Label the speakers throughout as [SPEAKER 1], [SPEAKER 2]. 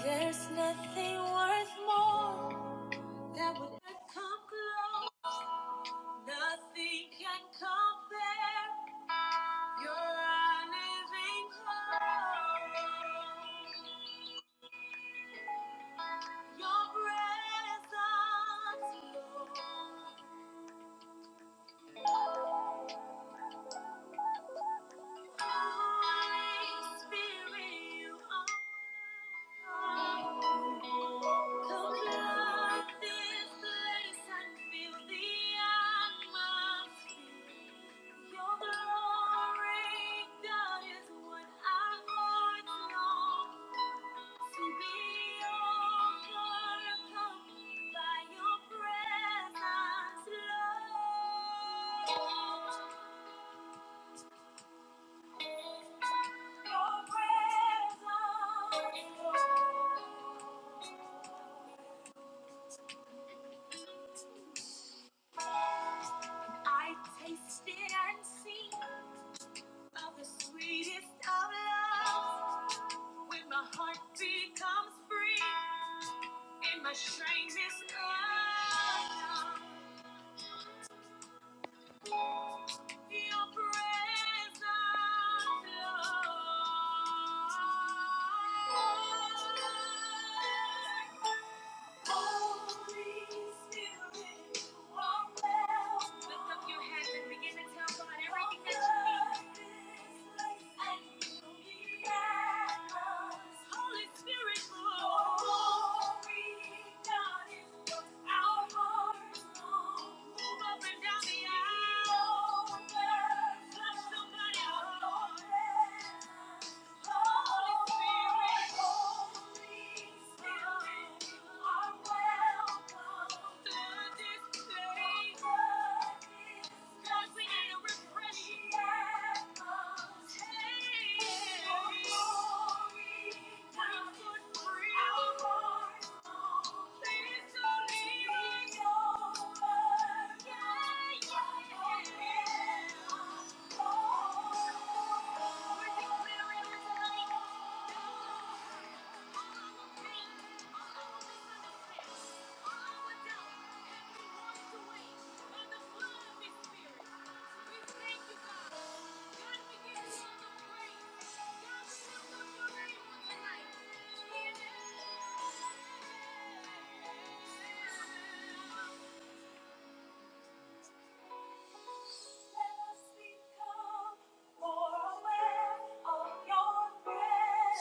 [SPEAKER 1] There's nothing worth more that would come close. Nothing can compare. You're a living hope. Your presence, Lord. Your presence, Lord. I tasted and seen of the sweetest of loves. When my heart becomes free and my strength is gone, your presence, Lord. Somebody, oh Lord. Thank you. Spirit. We thank you, God. God, we give you all the praise. God, we lift up your name tonight. Yeah. Let us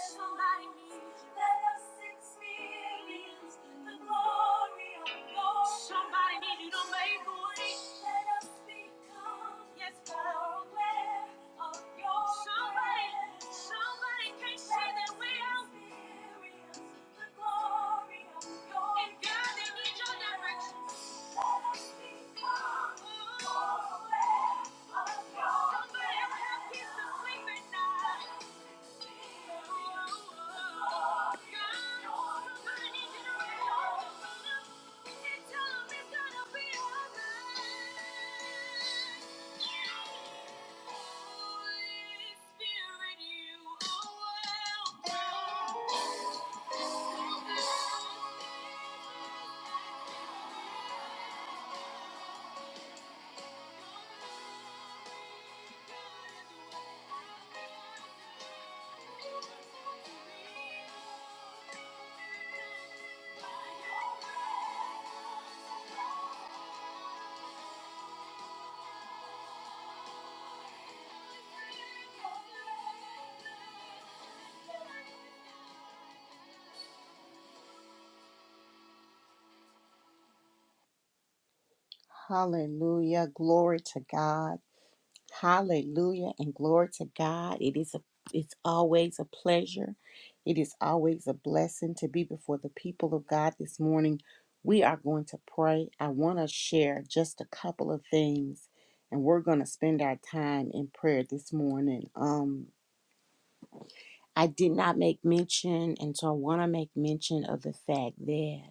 [SPEAKER 1] Somebody need to make way. Yes, more aware of your Somebody need to know. And tell 'em it's gonna be alright. Holy Spirit, you are welcome. Hallelujah. Glory to God. Hallelujah and glory to God. It is a it's always a pleasure. It is always a blessing to be before the people of God this morning. We are going to pray. I want to share just a couple of things and we're going to spend our time in prayer this morning. Um I did not make mention and so I want to make mention of the fact that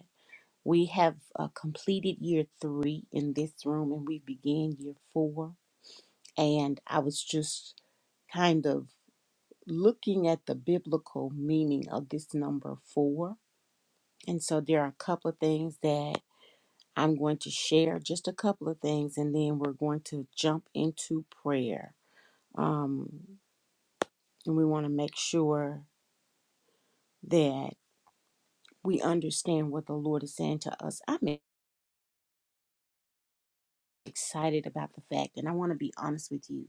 [SPEAKER 1] we have uh, completed year three in this room and we began year four. And I was just kind of looking at the biblical meaning of this number four. And so there are a couple of things that I'm going to share, just a couple of things, and then we're going to jump into prayer. Um, and we want to make sure that we understand what the Lord is saying to us. I excited about the fact, and I want to be honest with you.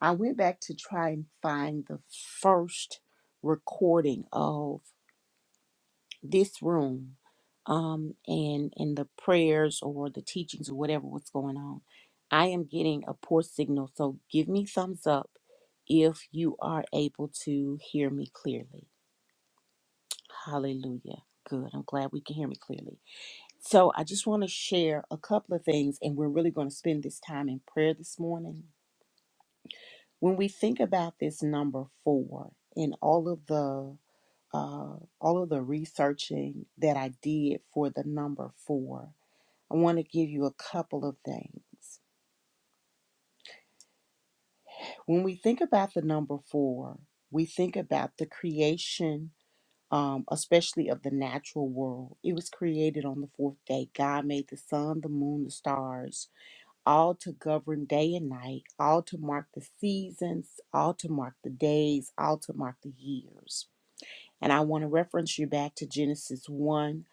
[SPEAKER 1] I went back to try and find the first recording of this room um, and, and the prayers or the teachings or whatever was going on. I am getting a poor signal, so give me thumbs up if you are able to hear me clearly. Hallelujah. Good. I'm glad we can hear me clearly. So, I just want to share a couple of things, and we're really going to spend this time in prayer this morning When we think about this number four and all of the uh, all of the researching that I did for the number four, I want to give you a couple of things. When we think about the number four, we think about the creation, um, especially of the natural world. It was created on the fourth day. God made the sun, the moon, the stars, all to govern day and night, all to mark the seasons, all to mark the days, all to mark the years. And I want to reference you back to Genesis 1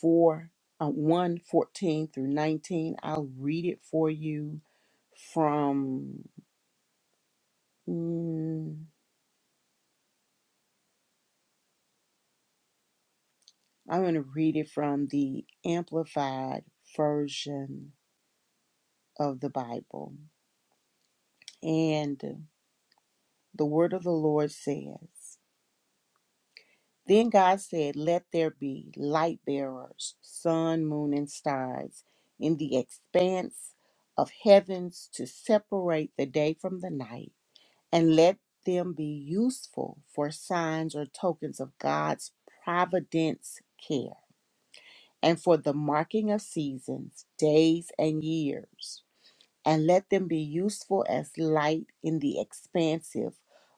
[SPEAKER 1] 4, uh, 1 fourteen through 19. I'll read it for you from, mm, I'm going to read it from the Amplified version of the Bible. And the word of the Lord says, Then God said, Let there be light bearers, sun, moon, and stars in the expanse of heavens to separate the day from the night, and let them be useful for signs or tokens of God's providence care, and for the marking of seasons, days, and years and let them be useful as light in the expansive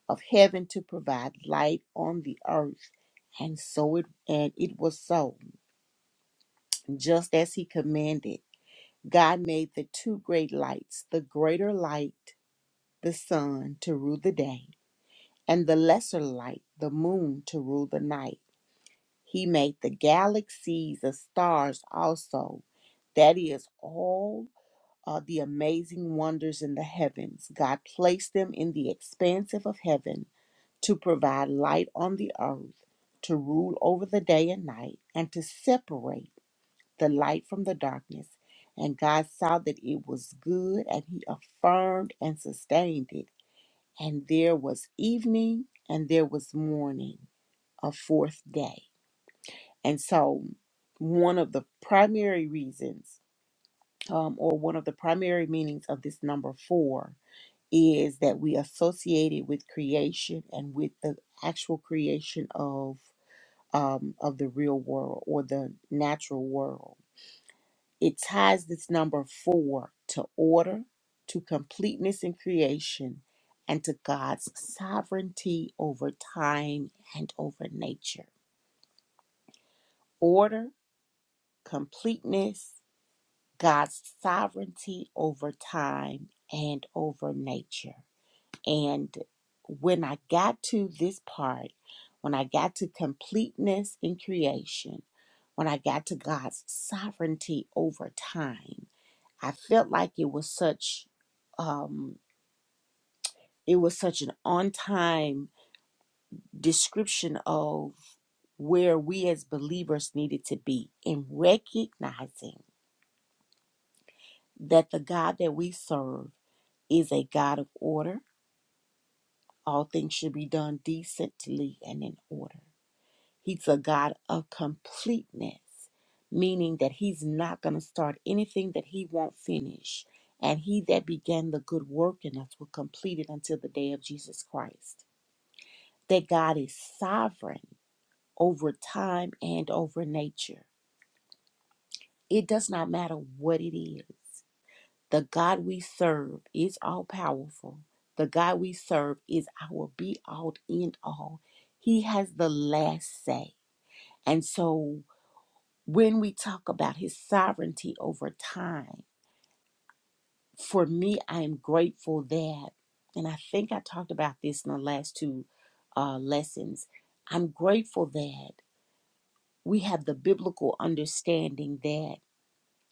[SPEAKER 1] of heaven to provide light on the earth. And so it and it was so, just as he commanded. God made the two great lights, the greater light, the sun, to rule the day, and the lesser light, the moon, to rule the night. He made the galaxies of stars also, that is all uh, the amazing wonders in the heavens. God placed them in the expanse of heaven to provide light on the earth, to rule over the day and night, and to separate the light from the darkness. And God saw that it was good, and He affirmed and sustained it. And there was evening and there was morning, a fourth day. And so, one of the primary reasons, um, or one of the primary meanings of this number four is that we associate it with creation and with the actual creation of um, of the real world or the natural world. It ties this number four to order, to completeness in creation, and to God's sovereignty over time and over nature. Order, completeness, God's sovereignty over time and over nature. And when I got to this part, when I got to completeness in creation, when I got to God's sovereignty over time, I felt like it was such um it was such an on-time description of where we as believers needed to be in recognizing that the God that we serve is a God of order. All things should be done decently and in order. He's a God of completeness, meaning that He's not going to start anything that He won't finish. And He that began the good work in us will complete it until the day of Jesus Christ. That God is sovereign over time and over nature. It does not matter what it is. The God we serve is all powerful. The God we serve is our be all, end all. He has the last say. And so When we talk about his sovereignty over time, for me, I am grateful that, and I think I talked about this in the last two uh, lessons, I'm grateful that we have the biblical understanding that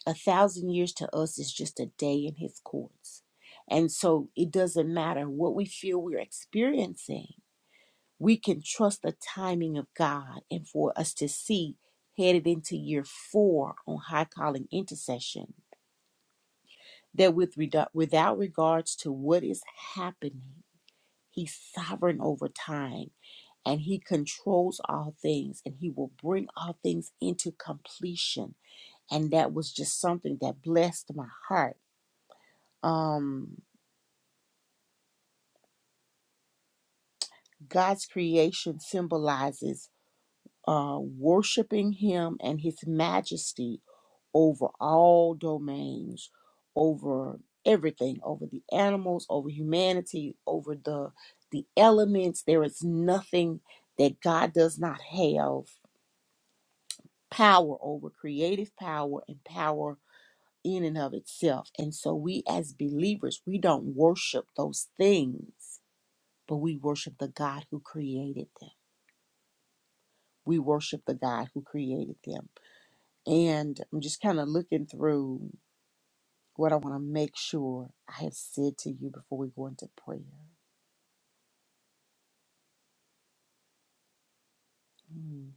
[SPEAKER 1] a thousand years to us is just a day in his courts. And so it doesn't matter what we feel we're experiencing, we can trust the timing of God and for us to see headed into year four on high calling intercession that with reda- without regards to what is happening, he's sovereign over time and he controls all things and he will bring all things into completion. And that was just something that blessed my heart. Um, God's creation symbolizes uh, worshiping him and his majesty over all domains, over everything, over the animals, over humanity, over the the elements. There is nothing that God does not have power over, creative power and power in and of itself. And so we as believers, we don't worship those things, but we worship the God who created them. We worship the God who created them. And I'm just kind of looking through What I want to make sure I have said to you before we go into prayer. Mm,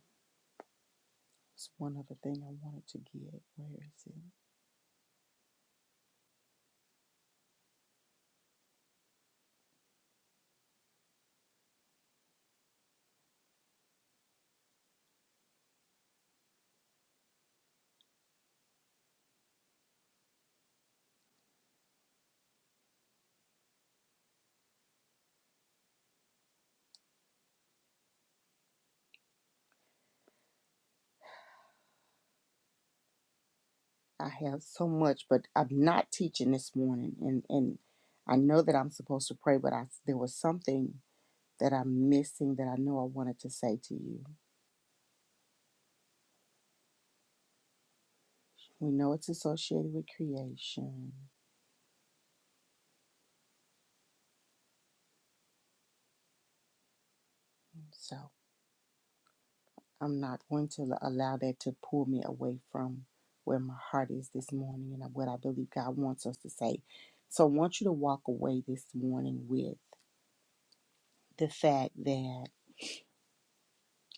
[SPEAKER 1] it's one other thing I wanted to get. Where is it? I have so much, but I'm not teaching this morning, and and I know that I'm supposed to pray, but I there was something that I'm missing that I know I wanted to say to you. We know it's associated with creation, so. I'm not going to allow that to pull me away from where my heart is this morning and what I believe God wants us to say. So I want you to walk away this morning with the fact that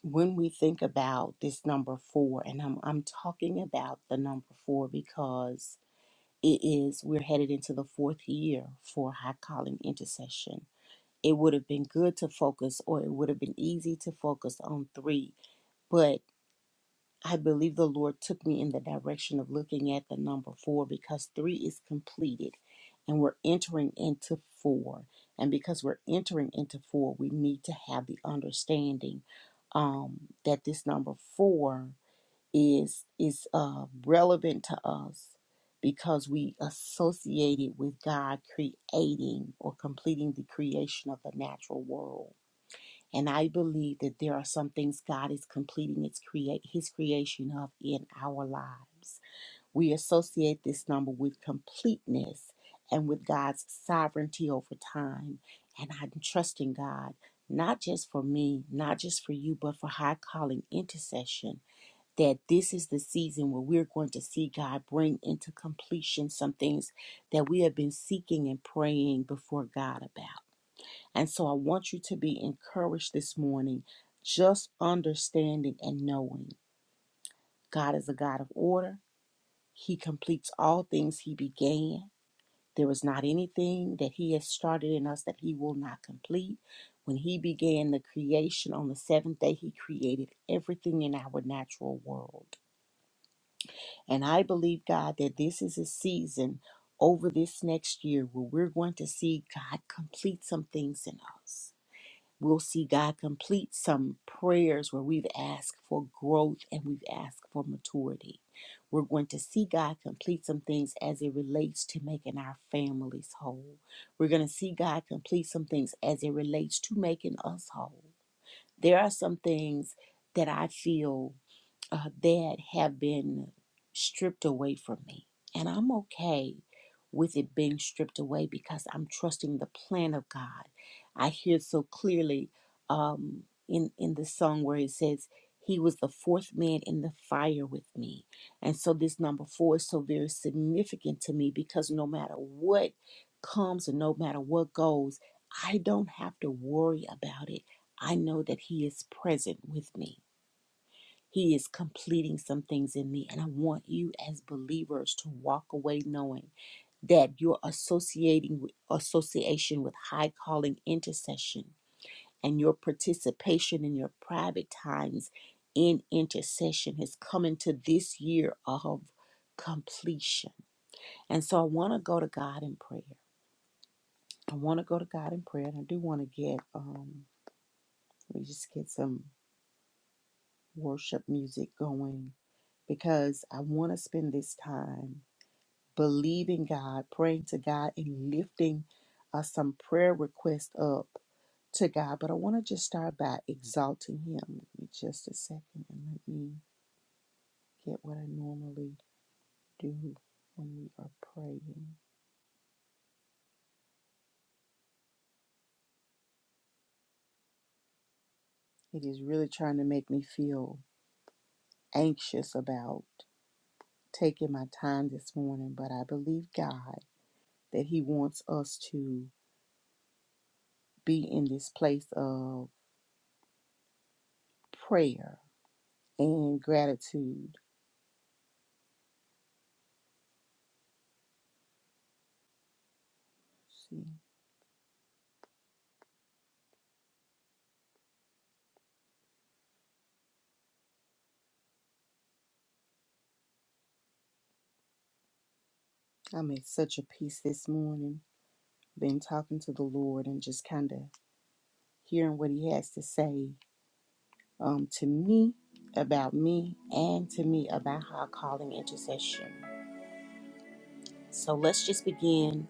[SPEAKER 1] when we think about this number four, and I'm, I'm talking about the number four because it is, we're headed into the fourth year for high calling intercession. It would have been good to focus, or it would have been easy to focus on three, but I believe the Lord took me in the direction of looking at the number four because three is completed and we're entering into four. And because we're entering into four, we need to have the understanding um, that this number four is is uh, relevant to us because we associate it with God creating or completing the creation of the natural world and I believe that there are some things God is completing its create his creation of in our lives. We associate this number with completeness and with God's sovereignty over time. And I'm trusting God, not just for me, not just for you, but for high calling intercession, that this is the season where we're going to see God bring into completion some things that we have been seeking and praying before God about. And so I want you to be encouraged this morning, just understanding and knowing God is a God of order. He completes all things He began. There is not anything that He has started in us that He will not complete. When He began the creation on the seventh day, He created everything in our natural world. And I believe, God, that this is a season over this next year where we're going to see God complete some things in us. We'll see God complete some prayers where we've asked for growth and we've asked for maturity. We're going to see God complete some things as it relates to making our families whole. We're going to see God complete some things as it relates to making us whole. There are some things that I feel uh, that have been stripped away from me. And I'm okay with it being stripped away because I'm trusting the plan of God. I hear so clearly um, in, in the song where it says, He was the fourth man in the fire with me. And so this number four is so very significant to me because no matter what comes and no matter what goes, I don't have to worry about it. I know that He is present with me. He is completing some things in me. And I want you as believers to walk away knowing that your associating with, association with high calling intercession and your participation in your private times in intercession has come into this year of completion. And so I want to go to God in prayer. I want to go to God in prayer. And I do want to get um let me just get some worship music going because I want to spend this time believing God, praying to God, and lifting uh, some prayer requests up to God. But I want to just start by exalting Him. Give me just a second and let me get what I normally do when we are praying. It is really trying to make me feel anxious about taking my time this morning, but I believe God that He wants us to be in this place of prayer and gratitude. Let's See. I'm at such a peace this morning. Been talking to the Lord and just kind of hearing what He has to say um, to me about me and to me about our calling intercession. So let's just begin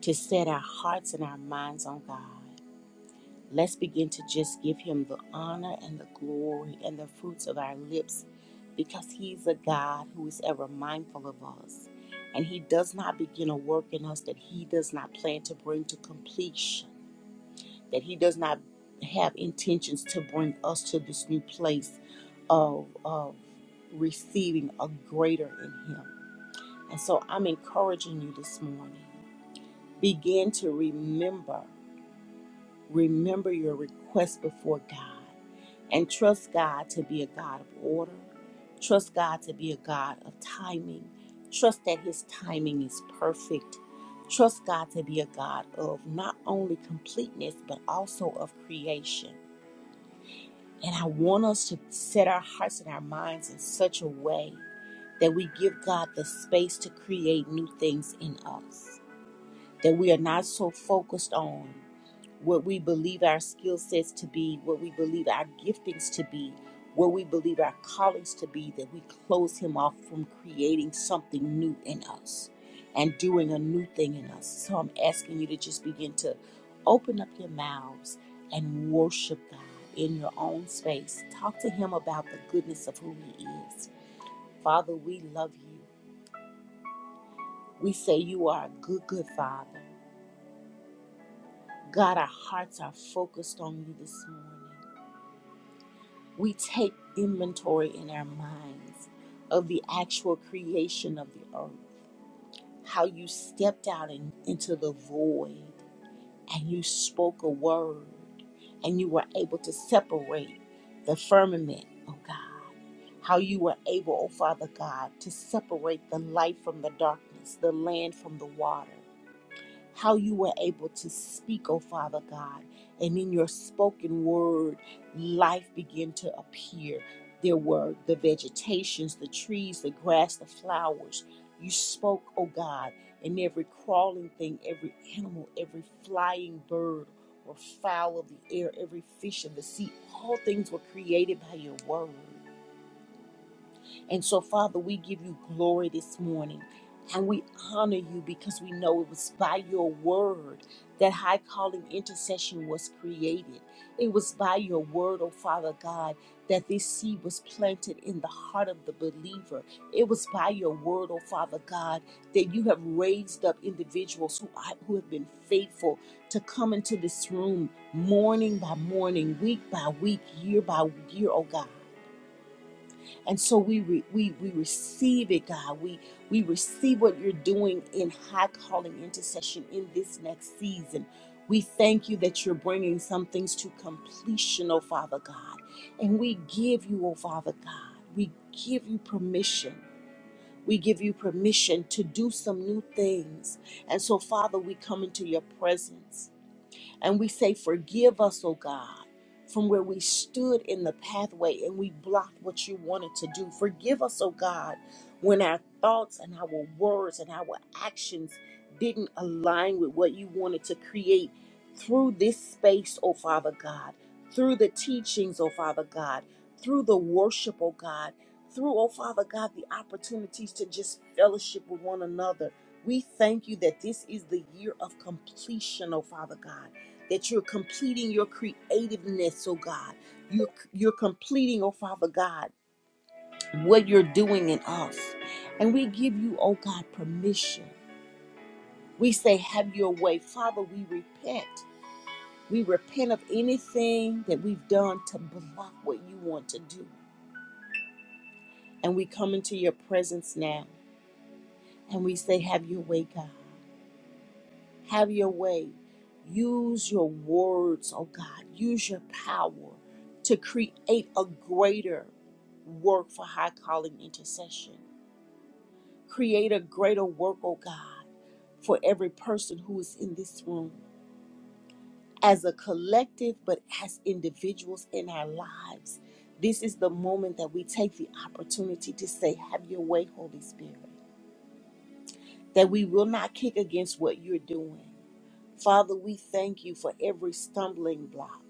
[SPEAKER 1] to set our hearts and our minds on God. Let's begin to just give Him the honor and the glory and the fruits of our lips because He's a God who is ever mindful of us. And He does not begin a work in us that He does not plan to bring to completion. that he does not have intentions to bring us to this new place of, of receiving a greater in him. And so I'm encouraging you this morning. Begin to remember, remember your request before God and trust God to be a God of order. Trust God to be a God of timing. Trust that His timing is perfect. Trust God to be a God of not only completeness, but also of creation. And I want us to set our hearts and our minds in such a way that we give God the space to create new things in us. That we are not so focused on what we believe our skill sets to be, what we believe our giftings to be, what we believe our callings to be, that we close him off from creating something new in us and doing a new thing in us. So I'm asking you to just begin to open up your mouths and worship God in your own space. Talk to him about the goodness of who he is. Father, we love you. We say you are a good, good father. God, our hearts are focused on you this morning. we take inventory in our minds of the actual creation of the earth, how you stepped out in, into the void and you spoke a word and you were able to separate the firmament, oh God. How you were able, oh Father God, to separate the light from the darkness, the land from the water how you were able to speak, oh Father God. And in your spoken word, life began to appear. There were the vegetations, the trees, the grass, the flowers. You spoke, oh God, and every crawling thing, every animal, every flying bird or fowl of the air, every fish of the sea, all things were created by your word. And so, Father, we give you glory this morning and we honor you because we know it was by your word that high calling intercession was created. It was by your word, oh Father God, that this seed was planted in the heart of the believer. It was by your word, oh Father God, that you have raised up individuals who, are, who have been faithful to come into this room morning by morning, week by week, year by year, oh God and so we re, we we receive it, God. We we receive what you're doing in high calling intercession in this next season. We thank you that you're bringing some things to completion, oh Father God. And we give you, oh Father God, we give you permission. We give you permission to do some new things. And so, Father, we come into your presence. And we say, Forgive us, oh God, from where we stood in the pathway and we blocked what you wanted to do. Forgive us, oh God, when our thoughts and our words and our actions didn't align with what you wanted to create through this space, oh Father God, through the teachings, oh Father God, through the worship, oh God, through, oh Father God, the opportunities to just fellowship with one another we thank you that this is the year of completion, oh Father God, that you're completing your creativeness, oh God. You're, you're completing, oh Father God, what you're doing in us. And we give you, oh God, permission. We say, Have your way. Father, we repent. We repent of anything that we've done to block what you want to do. And we come into your presence now and we say, Have your way, God. Have your way. Use your words, oh God. Use your power to create a greater work for high calling intercession. Create a greater work, oh God, for every person who is in this room as a collective, but as individuals in our lives. This is the moment that we take the opportunity to say, Have your way, Holy Spirit, that we will not kick against what you're doing Father, we thank you for every stumbling block.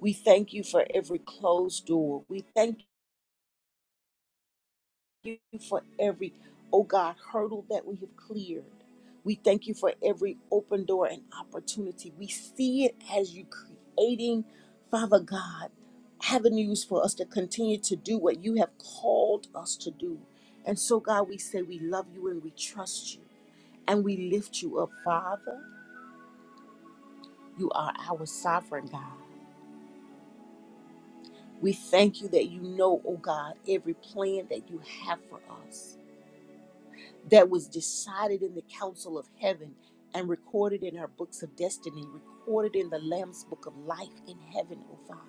[SPEAKER 1] We thank you for every closed door. We thank you for every, oh God, hurdle that we have cleared. We thank you for every open door and opportunity. We see it as you creating, Father God, avenues for us to continue to do what you have called us to do. And so, God, we say we love you and we trust you and we lift you up, Father. You are our sovereign God. We thank you that you know, oh God, every plan that you have for us that was decided in the council of heaven and recorded in our books of destiny, recorded in the Lamb's book of life in heaven, oh Father.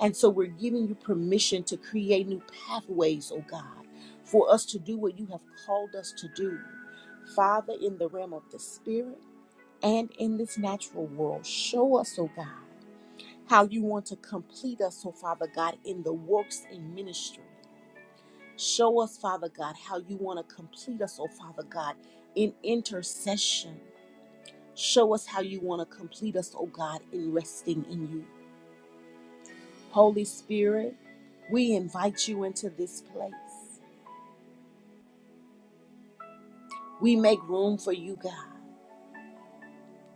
[SPEAKER 1] And so we're giving you permission to create new pathways, oh God, for us to do what you have called us to do. Father, in the realm of the spirit and in this natural world, show us, oh God. how you want to complete us, oh Father God, in the works and ministry. Show us, Father God, how you want to complete us, oh Father God, in intercession. Show us how you want to complete us, oh God, in resting in you. Holy Spirit, we invite you into this place. We make room for you, God.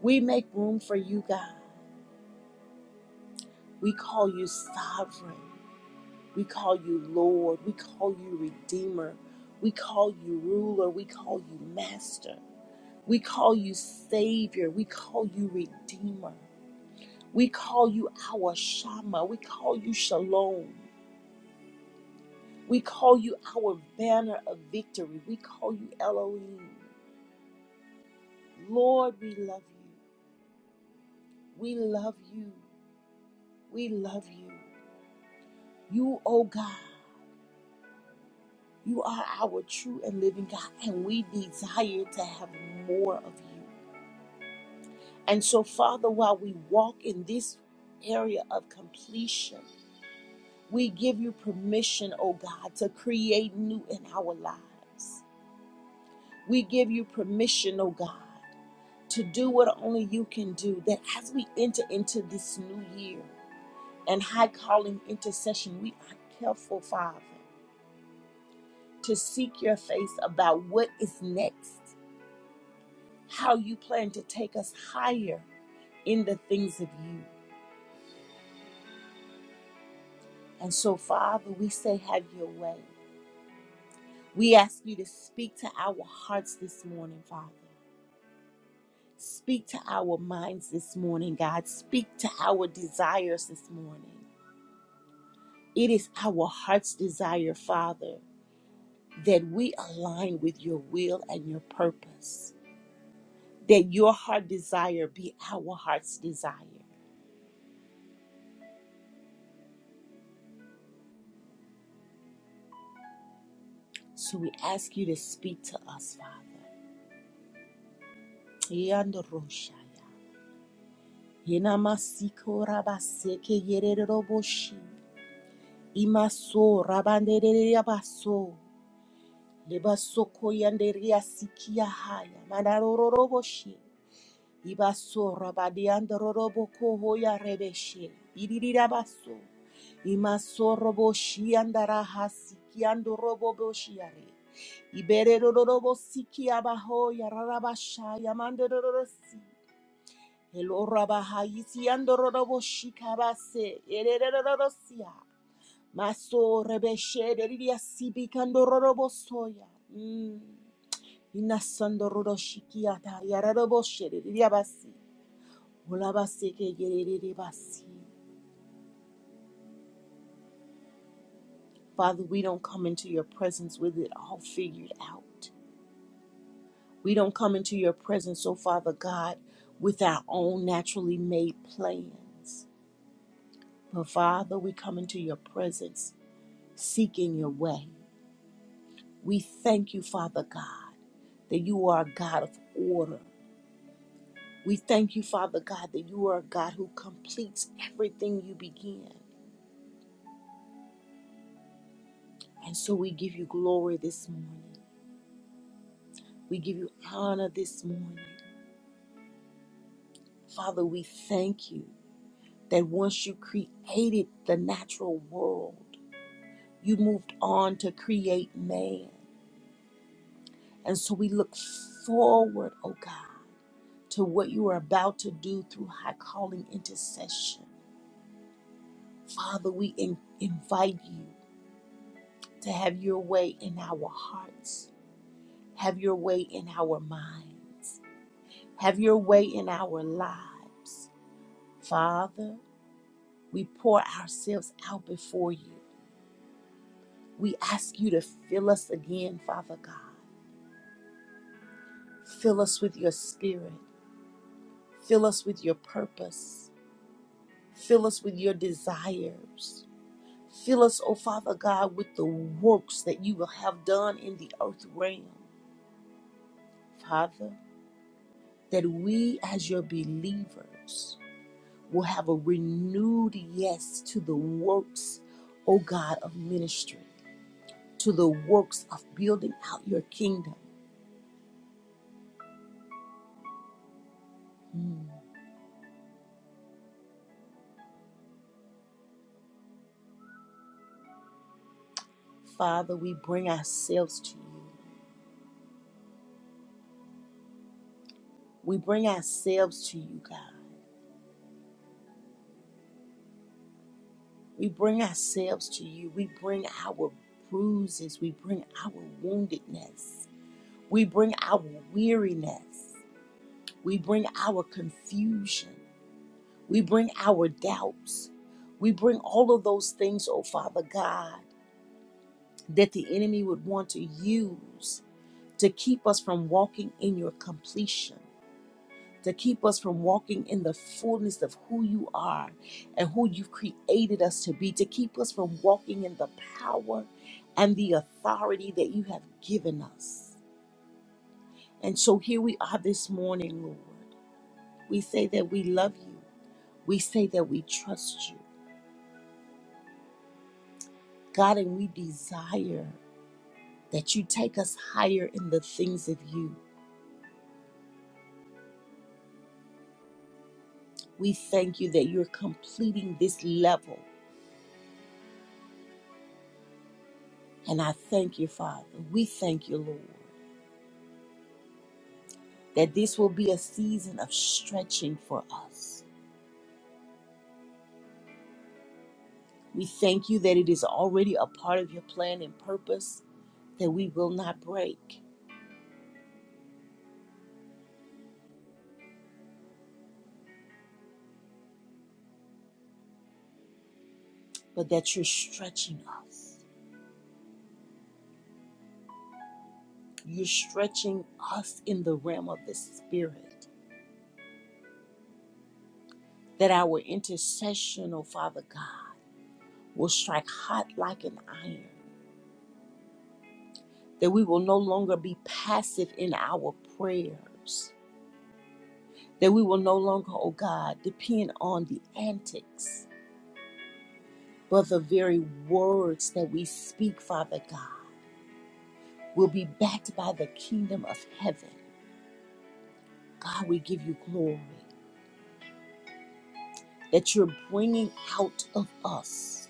[SPEAKER 1] We make room for you, God. We call you sovereign. We call you Lord. We call you Redeemer. We call you Ruler. We call you Master. We call you Savior. We call you Redeemer. We call you our Shama. We call you Shalom. We call you our banner of victory. We call you Elohim. Lord, we love you. We love you. We love you. You, oh God, you are our true and living God, and we desire to have more of you. And so, Father, while we walk in this area of completion, we give you permission, oh God, to create new in our lives. We give you permission, oh God, to do what only you can do, that as we enter into this new year and high calling intercession, we are careful, Father, to seek your face about what is next, how you plan to take us higher in the things of you. And so, Father, we say, have your way. We ask you to speak to our hearts this morning, Father. Speak to our minds this morning, God. Speak to our desires this morning. It is our heart's desire, Father, that we align with your will and your purpose, that your heart desire be our heart's desire. So we ask you to speak to us, Father. Yandoroshaya. Yenamasiko rabaseke yereroboshi. Imaso rabandereya baso lebasoko yandereya sikia haya manarororoboshi ibaso rabadiandororoboko hoya rebeshe iririra baso imaso roboshi andaraha sikiandoroboboshi yare ibererorobo sikia baho yararabasha yamandororosi elorabahayisi andororoboshi kabase ererororosia Maso rebeshede lidia sibi kandororobo soya. Mm. Inasando rodoshikiata yararoboshere lidia basi. Ulabase ke basi. Father, we don't come into your presence with it all figured out. We don't come into your presence, oh Father God, with our own naturally made plans. But Father, we come into your presence seeking your way. We thank you, Father God, that you are a God of order. We thank you, Father God, that you are a God who completes everything you begin. And so we give you glory this morning. We give you honor this morning. Father, we thank you that once you created the natural world, you moved on to create man. And so we look forward, oh God, to what you are about to do through high calling intercession. Father, we in- invite you to have your way in our hearts Have your way in our minds. Have your way in our lives. Father, we pour ourselves out before you. We ask you to fill us again, Father God. Fill us with your spirit. Fill us with your purpose. Fill us with your desires. Fill us, oh Father God, with the works that you will have done in the earth realm, Father, that we as your believers, will have a renewed yes to the works, O God, of ministry, to the works of building out your kingdom. Mm. Father, we bring ourselves to you. We bring ourselves to you, God. We bring ourselves to you. We bring our bruises. We bring our woundedness. We bring our weariness. We bring our confusion. We bring our doubts. We bring all of those things, oh Father God that the enemy would want to use to keep us from walking in your completion, to keep us from walking in the fullness of who you are and who you've created us to be, to keep us from walking in the power and the authority that you have given us. And so here we are this morning, Lord. We say that we love you, we say that we trust you, God, and we desire that you take us higher in the things of you. We thank you that you're completing this level. And I thank you, Father. We thank you, Lord, that this will be a season of stretching for us. We thank you that it is already a part of your plan and purpose that we will not break, but that you're stretching us. You're stretching us in the realm of the Spirit, that our intercession, oh Father God, will strike hot like an iron that we will no longer be passive in our prayers, that we will no longer, oh God, depend on the antics, but the very words that we speak, Father God, will be backed by the kingdom of heaven. God, we give you glory that you're bringing out of us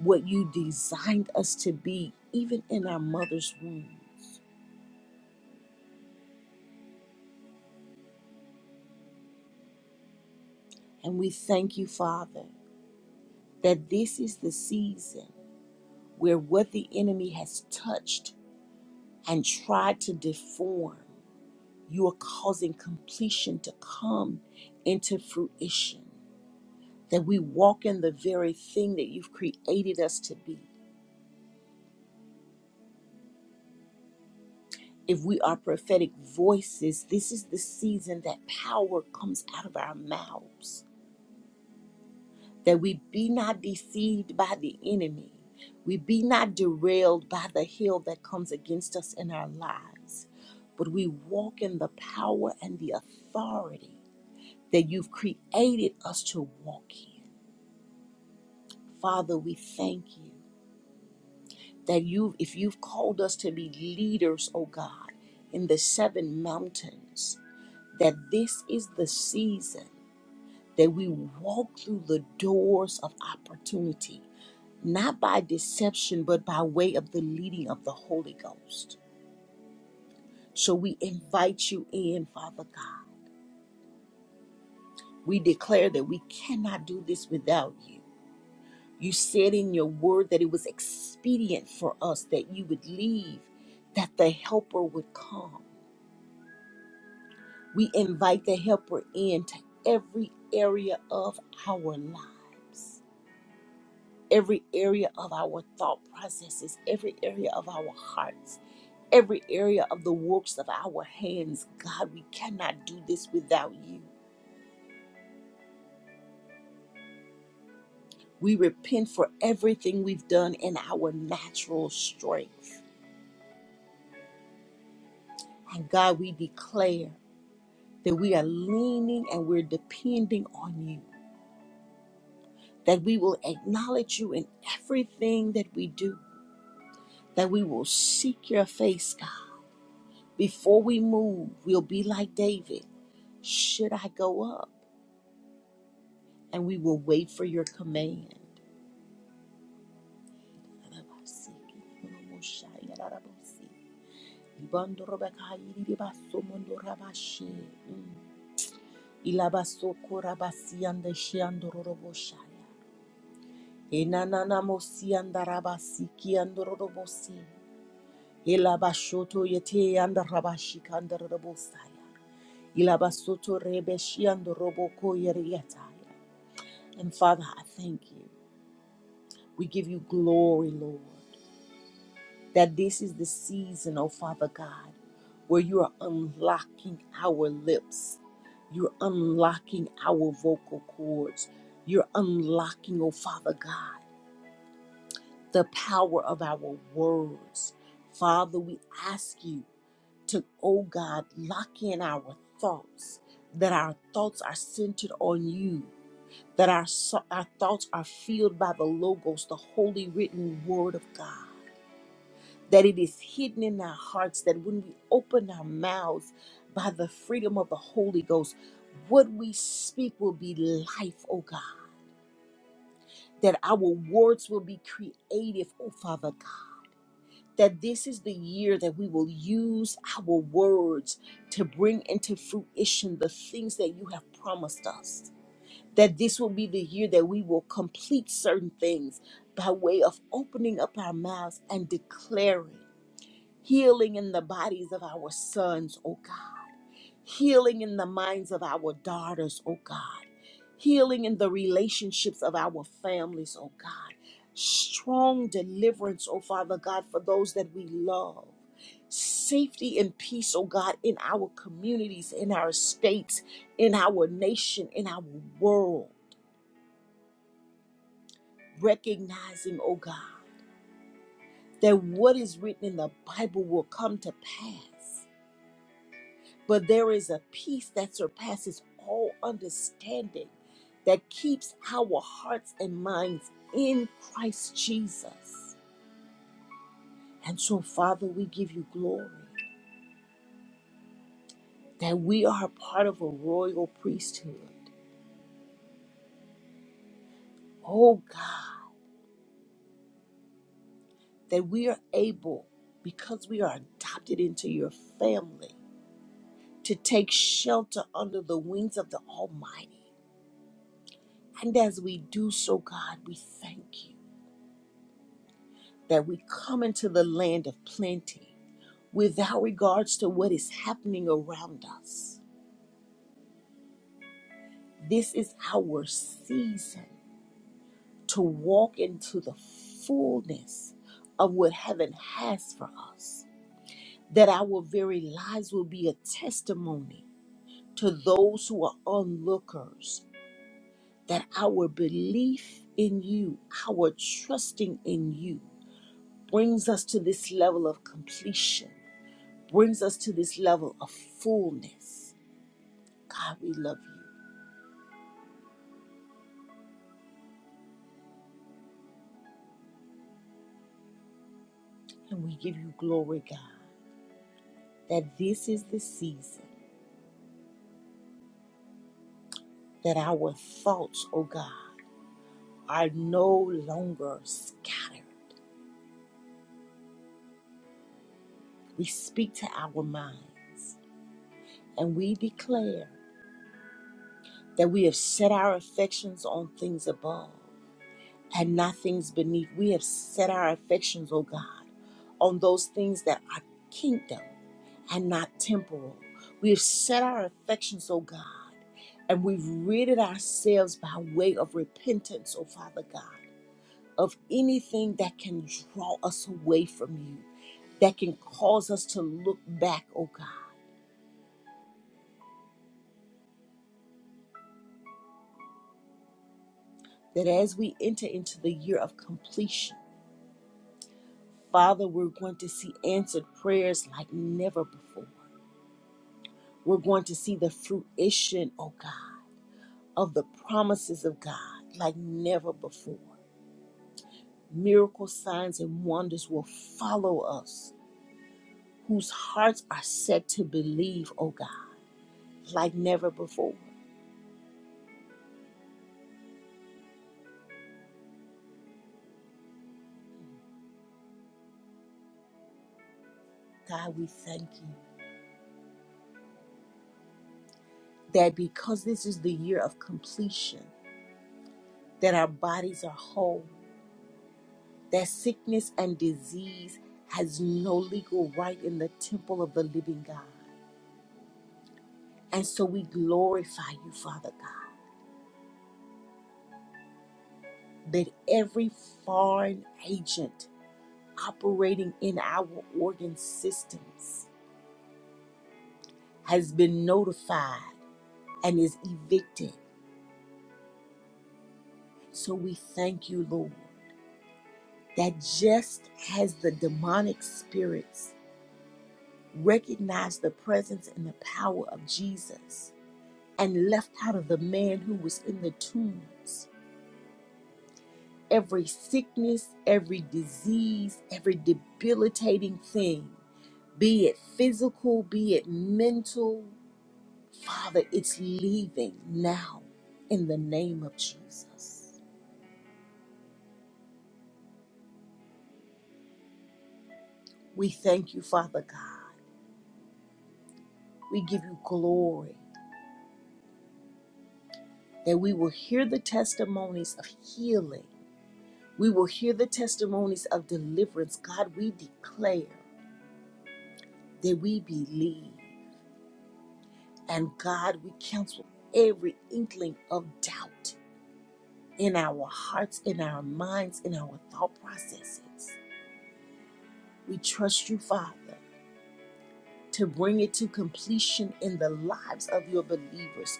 [SPEAKER 1] what you designed us to be, even in our mother's wombs. And we thank you, Father, that this is the season where what the enemy has touched and try to deform, you are causing completion to come into fruition. That we walk in the very thing that you've created us to be. If we are prophetic voices, this is the season that power comes out of our mouths. That we be not deceived by the enemy. We be not derailed by the hill that comes against us in our lives. But we walk in the power and the authority that you've created us to walk in. Father, we thank you that you if you've called us to be leaders, oh God, in the seven mountains, that this is the season that we walk through the doors of opportunity, not by deception, but by way of the leading of the Holy Ghost. So we invite you in, Father God. We declare that we cannot do this without you. You said in your word that it was expedient for us that you would leave, that the helper would come. We invite the helper into every area of our lives, every area of our thought processes, every area of our hearts, every area of the works of our hands. God, we cannot do this without you. We repent for everything we've done in our natural strength. And God, we declare. that we are leaning and we're depending on you, that we will acknowledge you in everything that we do, that we will seek your face, God. Before we move, we'll be like David. Should I go up? And we will wait for your command. Mm. Enananamosi andarabasi ki andorobosi. Elabashoto yete andarabashi kandarabosaya. Elabasoto rebeshi andoroboko yeryataya. And Father, I thank you. We give you glory, Lord, that this is the season, oh Father God, where you are unlocking our lips. You're unlocking our vocal cords. You're unlocking, oh Father God. the power of our words. Father, we ask you to, oh God, lock in our thoughts, that our thoughts are centered on you, that our, so- our thoughts are filled by the Logos, the holy written word of God, that it is hidden in our hearts, that when we open our mouths by the freedom of the Holy Ghost, what we speak will be life, oh God, that our words will be creative, oh Father God that this is the year that we will use our words to bring into fruition the things that you have promised us. That this will be the year that we will complete certain things by way of opening up our mouths and declaring healing in the bodies of our sons, oh God healing in the minds of our daughters, oh God, healing in the relationships of our families, oh God, strong deliverance, oh Father God, for those that we love. Safety and peace, oh God, in our communities, in our states, in our nation, in our world. Recognizing, oh God, that what is written in the Bible will come to pass. but there is a peace that surpasses all understanding that keeps our hearts and minds in Christ Jesus. And so, Father, we give you glory that we are part of a royal priesthood. Oh God, that we are able, because we are adopted into your family, to take shelter under the wings of the Almighty. And as we do so, God, we thank you. that we come into the land of plenty without regards to what is happening around us. This is our season to walk into the fullness of what heaven has for us, that our very lives will be a testimony to those who are onlookers, that our belief in you, our trusting in you, brings us to this level of completion brings us to this level of fullness. God, we love you and we give you glory, God, that this is the season that our thoughts, oh God, are no longer scattered. We speak to our minds and we declare that we have set our affections on things above and not things beneath. We have set our affections, oh God, on those things that are kingdom. and not temporal. We have set our affections, O God, and we've ridded ourselves by way of repentance, O Father God, of anything that can draw us away from you, that can cause us to look back, O God, that as we enter into the year of completion, Father, we're going to see answered prayers like never before. We're going to see the fruition, O God, of the promises of God like never before. Miracle signs and wonders will follow us whose hearts are set to believe, oh God, like never before. God, we thank you that because this is the year of completion, that our bodies are whole, that sickness and disease has no legal right in the temple of the living God. And so we glorify you, Father God, that every foreign agent operating in our organ systems has been notified and is evicted. So we thank you, Lord, that just as the demonic spirits recognized the presence and the power of Jesus and left out of the man who was in the tombs every sickness, every disease, every debilitating thing, be it physical, be it mental, Father, it's leaving now in the name of Jesus. We thank you, Father God. We give you glory that we will hear the testimonies of healing. We will hear the testimonies of deliverance. God, we declare that we believe. And God, we cancel every inkling of doubt in our hearts, in our minds, in our thought processes. We trust you, Father, to bring it to completion in the lives of your believers.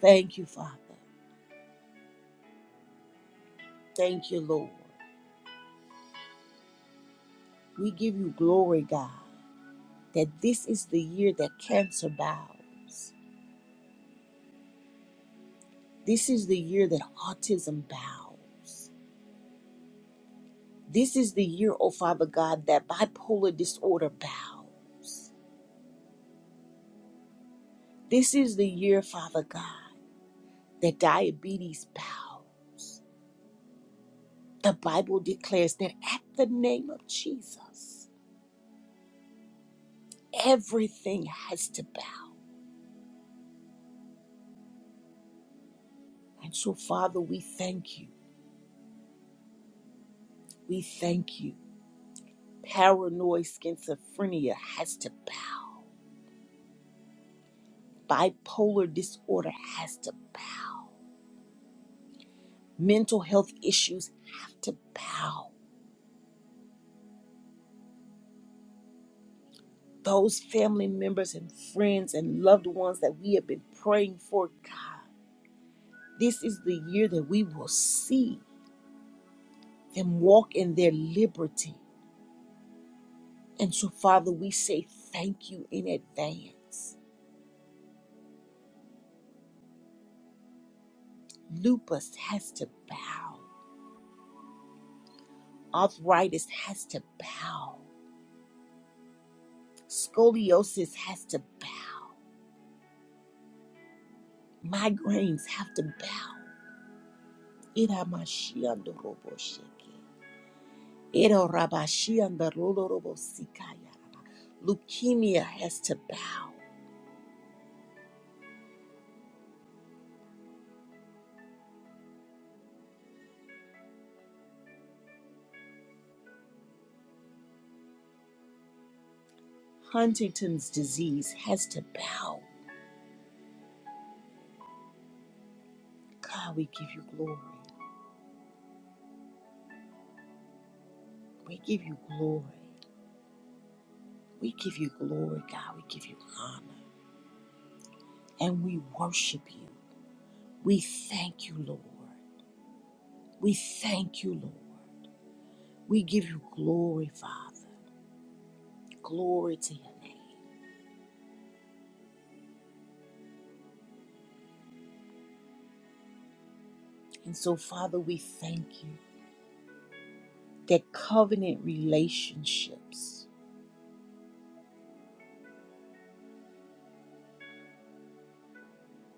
[SPEAKER 1] Thank you, Father. Thank you, Lord. We give you glory, God, that this is the year that cancer bows. This is the year that autism bows. This is the year, oh Father God, that bipolar disorder bows. This is the year, Father God, that diabetes bows. The Bible declares that at the name of Jesus, everything has to bow. And so, Father, we thank you. We thank you. Paranoid schizophrenia has to bow. Bipolar disorder has to bow. Mental health issues have to bow. Those family members and friends and loved ones that we have been praying for, God, this is the year that we will see them walk in their liberty. And so, Father, we say thank you in advance. Lupus has to bow, arthritis has to bow. Scoliosis has to bow. Migraines have to bow. Iramashiandoroboshiki. Irorabashiandorolobosikayaraba. Leukemia has to bow. Huntington's disease has to bow. God, we give you glory. We give you glory. We give you glory, God. We give you honor. And we worship you. We thank you, Lord. We thank you, Lord. We give you glory, Father. Glory to your name. And so, Father, we thank you that covenant relationships,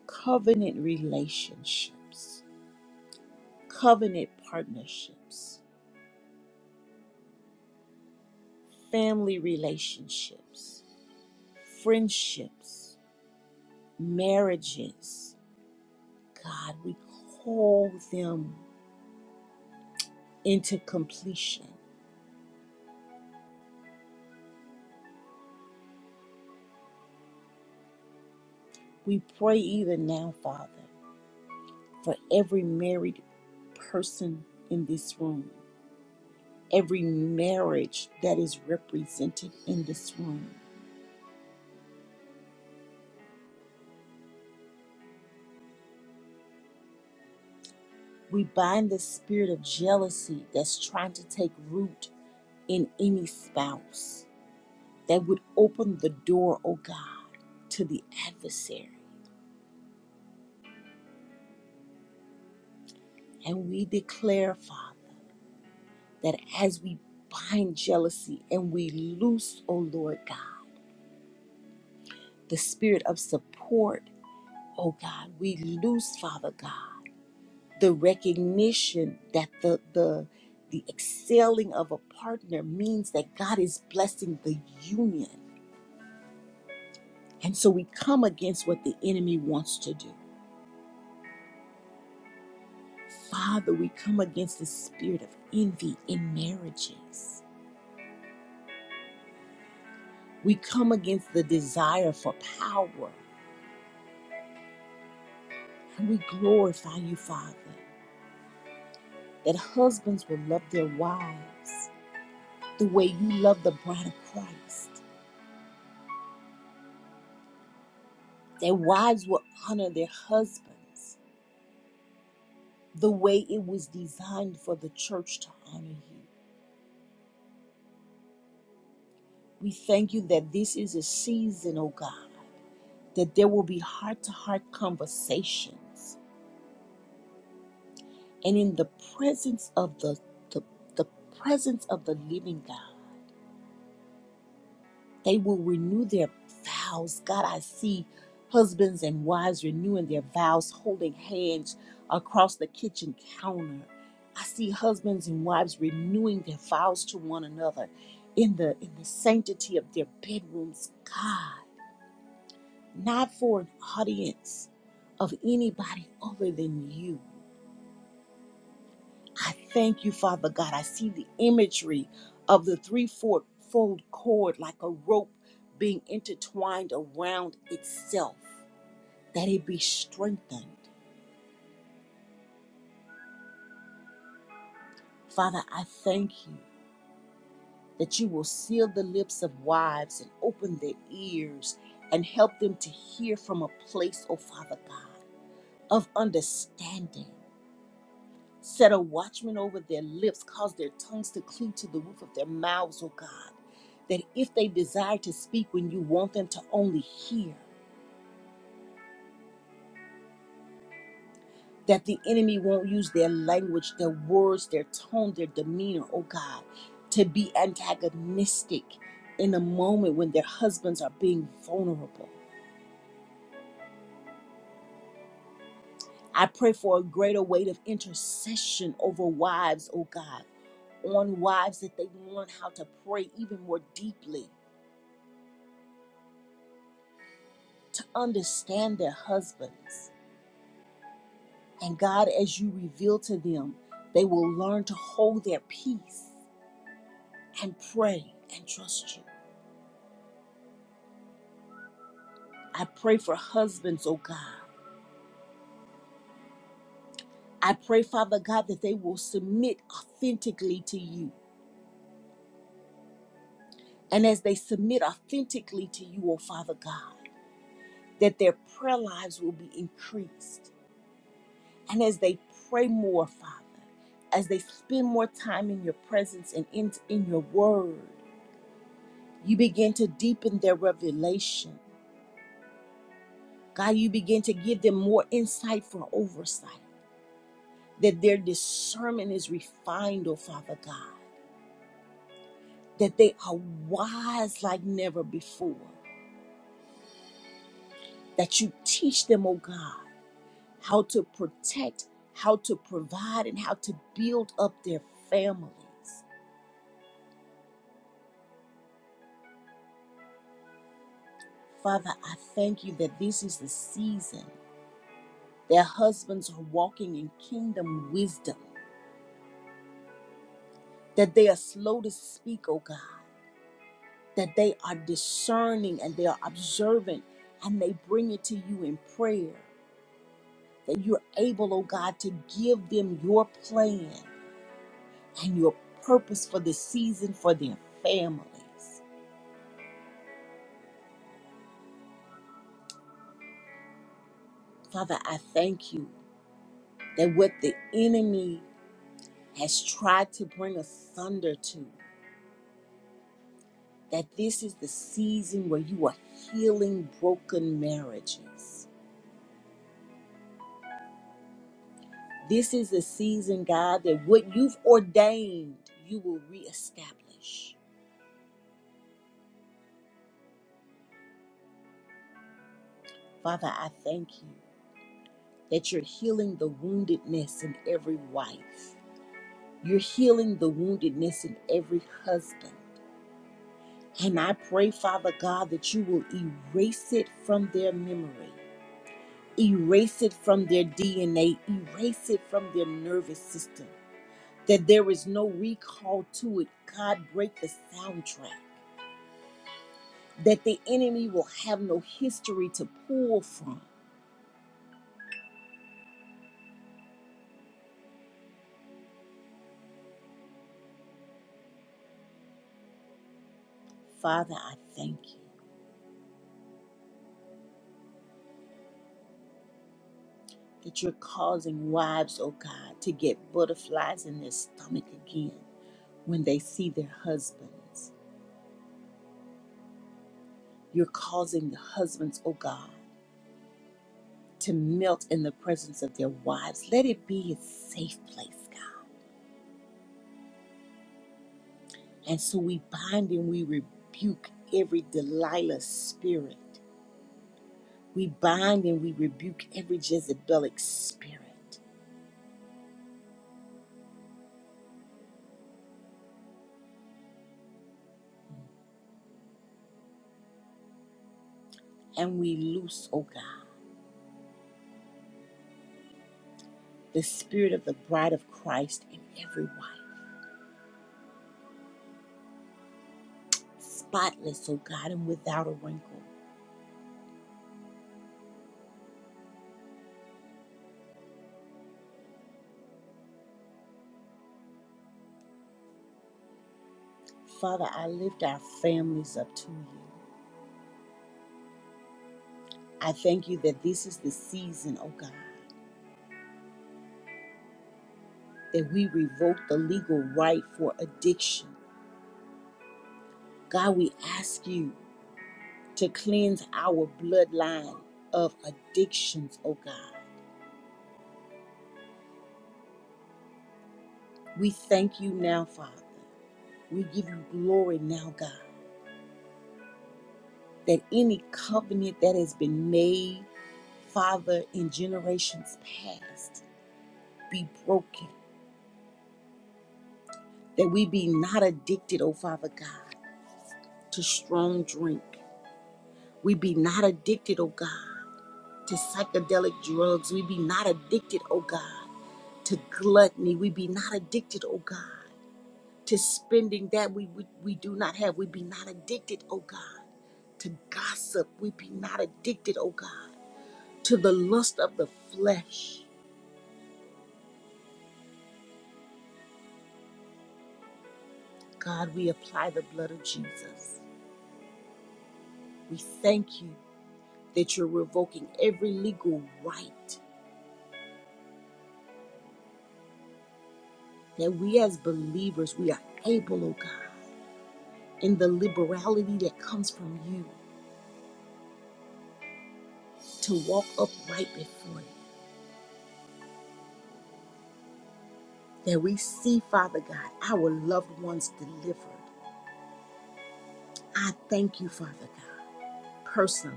[SPEAKER 1] covenant relationships, covenant partnerships, family relationships, friendships, marriages, God, we call them into completion. We pray even now, Father, for every married person in this room every marriage that is represented in this room. We bind the spirit of jealousy that's trying to take root in any spouse that would open the door, oh God, to the adversary. And we declare, Father, that as we bind jealousy and we loose, oh Lord God, the spirit of support, oh God, we loose, Father God the recognition that the the the excelling of a partner means that God is blessing the union. And so we come against what the enemy wants to do. Father, we come against the spirit of envy in marriages. We come against the desire for power. And we glorify you, Father, that husbands will love their wives the way you love the bride of Christ, that wives will honor their husbands the way it was designed for the church to honor you. We thank you that this is a season, oh God, that there will be heart to heart conversations. And in the presence of the, the, the presence of the living God, They will renew their vows. God, I see husbands and wives renewing their vows, holding hands across the kitchen counter. I see husbands and wives renewing their vows to one another in the in the sanctity of their bedrooms. God, not for an audience of anybody other than you I thank you, Father God. I see the imagery of the threefold cord like a rope being intertwined around itself, that it be strengthened. Father, I thank you that you will seal the lips of wives and open their ears and help them to hear from a place, oh Father God, of understanding. Set a watchman over their lips, cause their tongues to cleave to the roof of their mouths, O God, that if they desire to speak when you want them to only hear, that the enemy won't use their language, their words, their tone, their demeanor, O God, to be antagonistic in a moment when their husbands are being vulnerable. I pray for a greater weight of intercession over wives, O God on wives that they learn how to pray even more deeply to understand their husbands. And God, as you reveal to them, they will learn to hold their peace and pray and trust you. I pray for husbands, oh God. I pray, Father God, that they will submit authentically to you. And as they submit authentically to you, oh Father God, that their prayer lives will be increased. And as they pray more, Father, as they spend more time in your presence and in, in your word, You begin to deepen their revelation. God, you begin to give them more insight for oversight, that their discernment is refined, oh Father God, that they are wise like never before, that you teach them, oh God, how to protect, how to provide, and how to build up their families. Father, I thank you that this is the season their husbands are walking in kingdom wisdom, that they are slow to speak, oh God that they are discerning and they are observant and they bring it to you in prayer. That you're able, oh God, to give them your plan and your purpose for the season for their families. Father, I thank you that what the enemy has tried to bring asunder to, that this is the season where you are healing broken marriages. This is the season, God, that what you've ordained, you will reestablish. Father, I thank you that you're healing the woundedness in every wife. You're healing the woundedness in every husband. And I pray, Father God, that you will erase it from their memory, erase it from their DNA, erase it from their nervous system, that there is no recall to it. God, break the soundtrack, that the enemy will have no history to pull from. Father, I thank you. that you're causing wives, oh God, to get butterflies in their stomach again when they see their husbands. You're causing the husbands, oh God, to melt in the presence of their wives. Let it be a safe place, God. And so we bind and we rebuke every Delilah spirit. We bind and we rebuke every Jezebelic spirit. And we loose, oh God, the spirit of the bride of Christ in every wife. spotless, oh God, and without a wrinkle. Father, I lift our families up to you. I thank you that this is the season, oh God, that we revoke the legal right for addiction. God, we ask you to cleanse our bloodline of addictions, oh God. We thank you now, Father. We give you glory now, God, that any covenant that has been made, Father, in generations past, be broken that we be not addicted, oh Father God, to strong drink. We be not addicted, oh God, to psychedelic drugs. We be not addicted, oh God, to gluttony. We be not addicted, oh God, to spending that we, we, we do not have. We be not addicted, oh God, to gossip. We be not addicted, oh God, to the lust of the flesh. God, we apply the blood of Jesus. We thank you that you're revoking every legal right that we as believers, we are able, oh God, in the liberality that comes from you to walk upright before you, that we see, Father God, our loved ones delivered. I thank you, Father God, personally,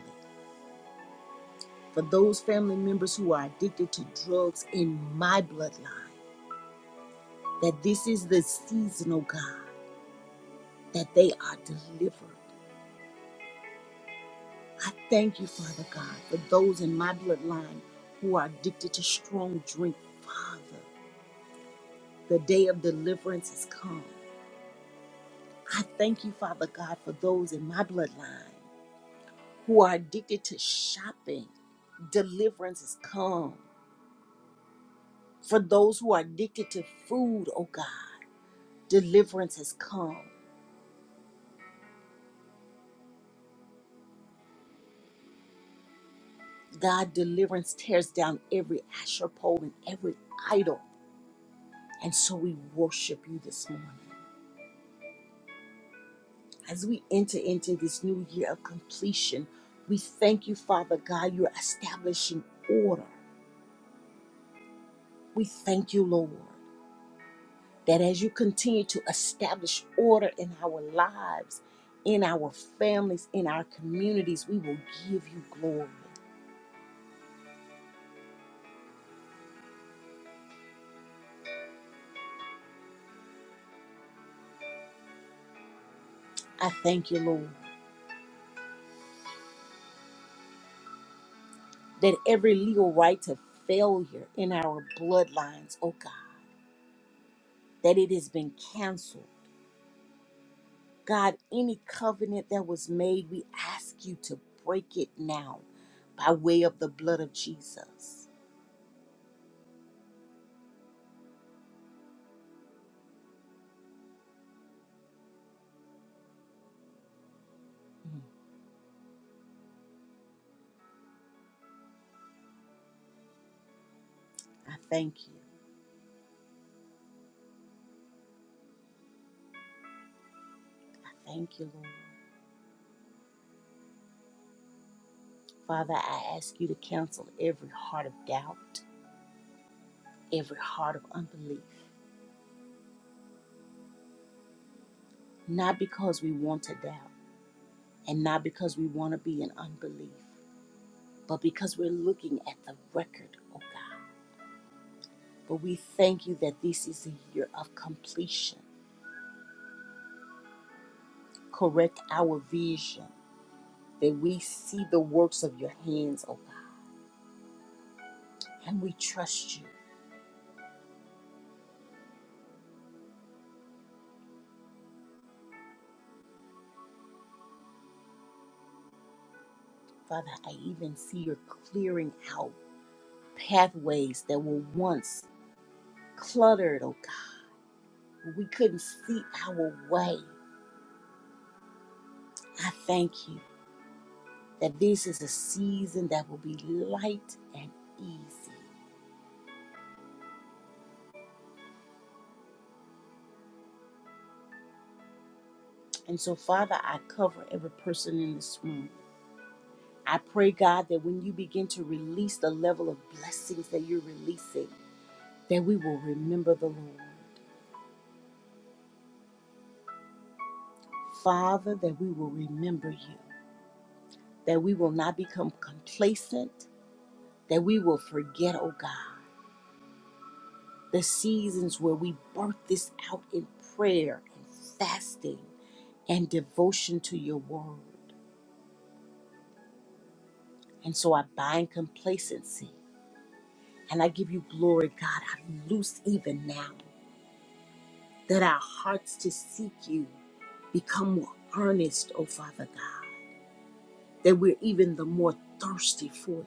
[SPEAKER 1] for those family members who are addicted to drugs in my bloodline, that this is the season, oh God, that they are delivered. I thank you, Father God, for those in my bloodline who are addicted to strong drink, Father. The day of deliverance has come. I thank you, Father God, for those in my bloodline who are addicted to shopping. Deliverance has come. For those who are addicted to food, oh God, deliverance has come. God, deliverance tears down every asher pole and every idol. And so we worship you this morning. As we enter into this new year of completion, we thank you, Father God, you're establishing order. We thank you, Lord. that as you continue to establish order in our lives, in our families, in our communities, we will give you glory. I thank you, Lord, that every legal right to failure in our bloodlines, oh God, that it has been canceled. God, any covenant that was made, we ask you to break it now by way of the blood of Jesus. Mm, I thank you. I thank you, Lord. Father, I ask you to cancel every heart of doubt every heart of unbelief, not because we want to doubt and not because we want to be in unbelief, but because we're looking at the record, oh God. But we thank you that this is a year of completion. Correct our vision, that we see the works of your hands, oh God, and we trust you. Father, I even see you're clearing out pathways that were once cluttered, oh God. We couldn't see our way. I thank you that this is a season that will be light and easy. And so, Father, I cover every person in this room. I pray, God, that when you begin to release the level of blessings that you're releasing, that we will remember the Lord. Father, that we will remember you, that we will not become complacent, that we will forget, oh God, the seasons where we birth this out in prayer and fasting and devotion to your word. And so I bind complacency and I give you glory, God. I loose even now that our hearts to seek you become more earnest, oh Father God, that we're even the more thirsty for you,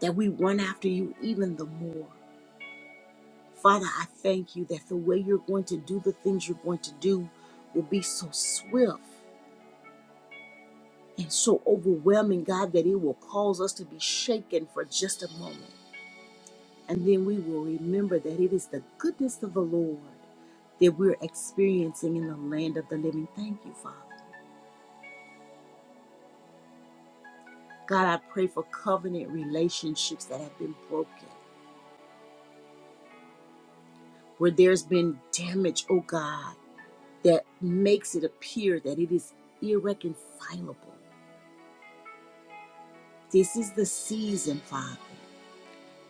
[SPEAKER 1] that we run after you even the more. Father, I thank you that the way you're going to do the things you're going to do will be so swift and so overwhelming, God, that it will cause us to be shaken for just a moment. And then we will remember that it is the goodness of the Lord that we're experiencing in the land of the living. Thank you, Father. God, I pray for covenant relationships that have been broken, where there's been damage, oh God, that makes it appear that it is irreconcilable. This is the season, Father,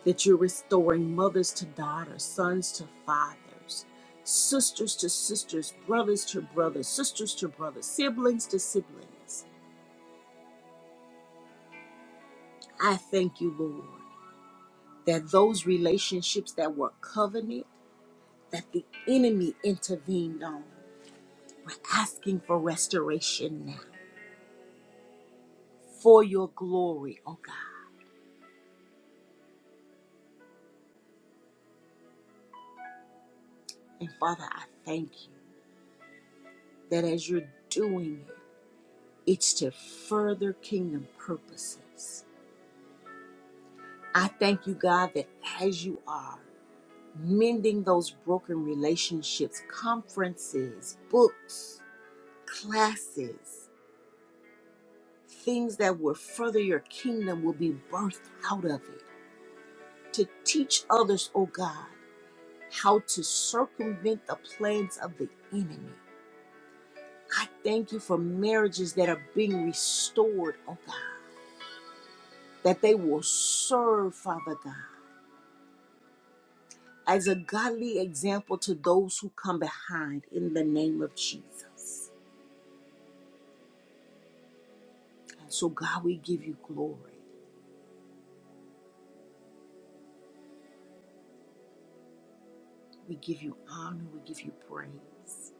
[SPEAKER 1] that you're restoring mothers to daughters, sons to fathers, sisters to sisters, brothers to brothers, sisters to brothers, siblings to siblings. I thank you, Lord, that those relationships that were covenant, that the enemy intervened on, we're asking for restoration now for your glory, oh God. And Father, I thank you that as you're doing it, it's to further kingdom purposes. I thank you, God, that as you are mending those broken relationships, conferences, books, classes, Things that will further your kingdom will be birthed out of it. To teach others, oh God, how to circumvent the plans of the enemy. I thank you for marriages that are being restored, oh God, that they will serve, Father God, as a godly example to those who come behind in the name of Jesus. And so, God, we give you glory, we give you honor, we give you praise.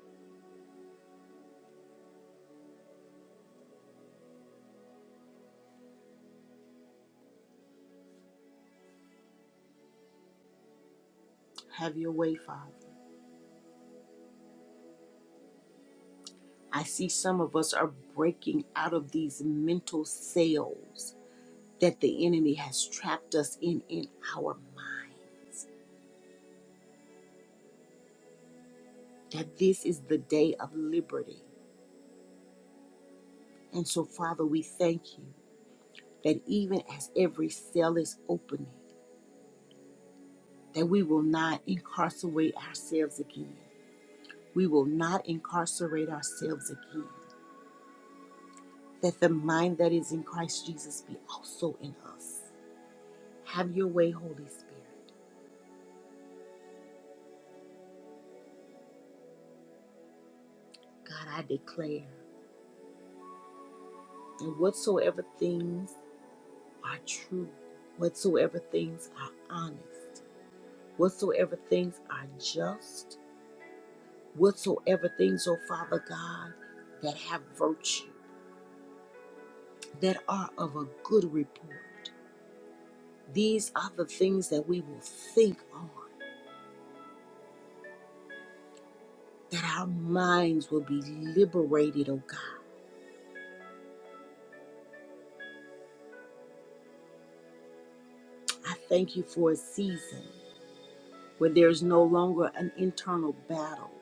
[SPEAKER 1] Have your way, Father. I see some of us are breaking out of these mental cells that the enemy has trapped us in in our mind. That this is the day of liberty. And so, Father, we thank you that even as every cell is opening, that we will not incarcerate ourselves again. We will not incarcerate ourselves again. That the mind that is in Christ Jesus be also in us. Have your way, Holy Spirit. God, I declare And whatsoever things are true, whatsoever things are honest, whatsoever things are just, whatsoever things, O Father God, that have virtue, that are of a good report, these are the things that we will think on, that our minds will be liberated, O God. I thank you for a season where there's no longer an internal battle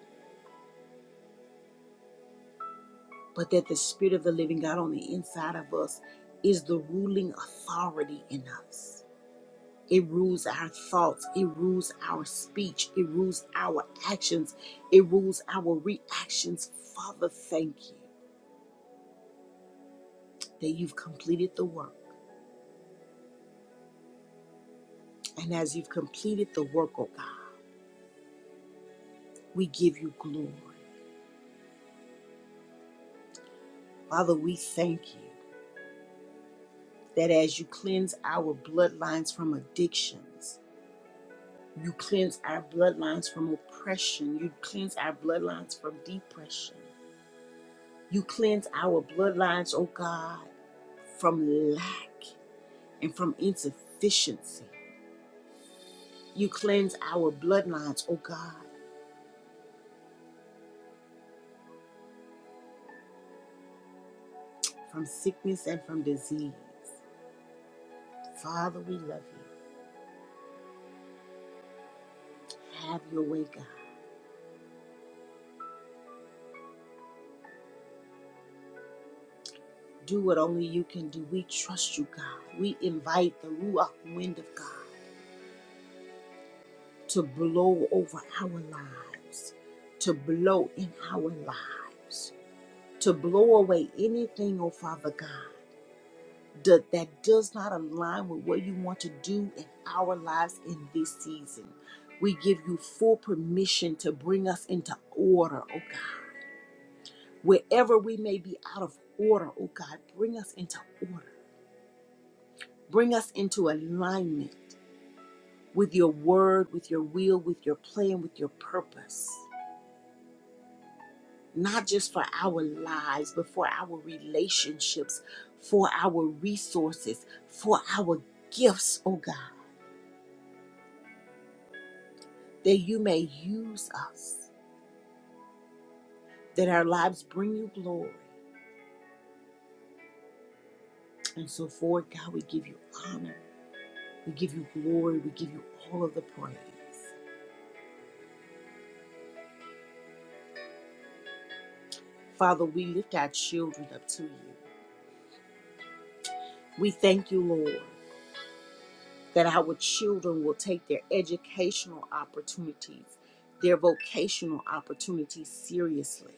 [SPEAKER 1] but that the Spirit of the living God on the inside of us is the ruling authority in us. It rules our thoughts, it rules our speech, it rules our actions, it rules our reactions. Father, thank you that you've completed the work. And as you've completed the work, oh God, we give you glory. Father, we thank you that as you cleanse our bloodlines from addictions, You cleanse our bloodlines from oppression. You cleanse our bloodlines from depression. You cleanse our bloodlines, oh God, from lack and from insufficiency. You cleanse our bloodlines, oh God, from sickness and from disease. Father, we love you. Have your way, God. Do what only you can do. We trust you, God. We invite the Ruach wind of God to blow over our lives, to blow in our lives. to blow away anything, oh Father God, that, that does not align with what you want to do in our lives in this season. We give you full permission to bring us into order, oh God. Wherever we may be out of order, oh God, bring us into order. Bring us into alignment with your word, with your will, with your plan, with your purpose. not just for our lives, but for our relationships, for our resources, for our gifts, oh God, that you may use us, that our lives bring you glory. And so forth, God, we give you honor, we give you glory, we give you all of the praise. Father, we lift our children up to you. We thank you, Lord, that our children will take their educational opportunities, their vocational opportunities seriously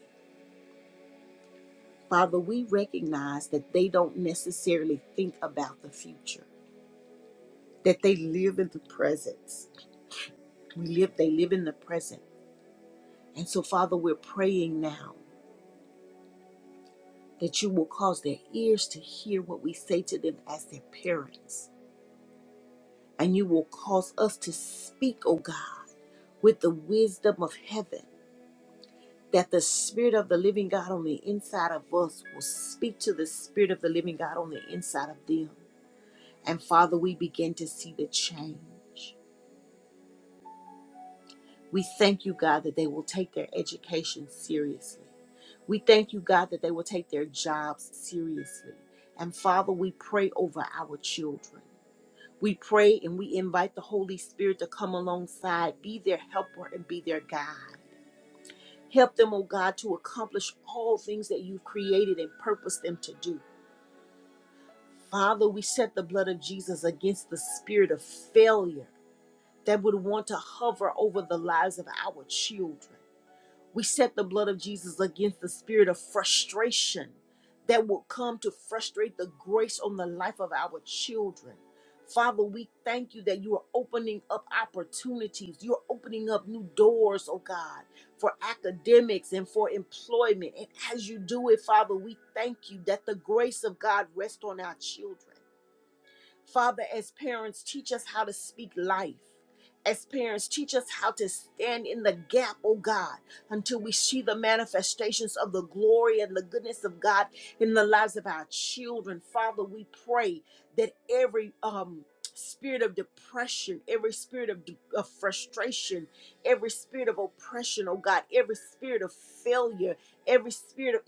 [SPEAKER 1] Father, we recognize that they don't necessarily think about the future, that they live in the presence. We live, they live in the present. And so, Father, we're praying now that you will cause their ears to hear what we say to them as their parents. And you will cause us to speak, oh God, with the wisdom of heaven, that the Spirit of the living God on the inside of us will speak to the Spirit of the living God on the inside of them And Father, we begin to see the change. We thank you, God, that they will take their education seriously. We thank you, God, that they will take their jobs seriously. And Father, we pray over our children. We pray and we invite the Holy Spirit to come alongside, be their helper, and be their guide. Help them, oh God, to accomplish all things that you've created and purposed them to do. Father, we set the blood of Jesus against the spirit of failure that would want to hover over the lives of our children. We set the blood of Jesus against the spirit of frustration that will come to frustrate the grace on the life of our children. Father, we thank you that you are opening up opportunities. You're opening up new doors, oh God, for academics and for employment. And as you do it, Father, we thank you that the grace of God rests on our children. Father, as parents, teach us how to speak life. As parents, teach us how to stand in the gap, oh God, until we see the manifestations of the glory and the goodness of God in the lives of our children. Father, we pray that every um, spirit of depression, every spirit of, de- of frustration, every spirit of oppression, oh God, every spirit of failure, every spirit of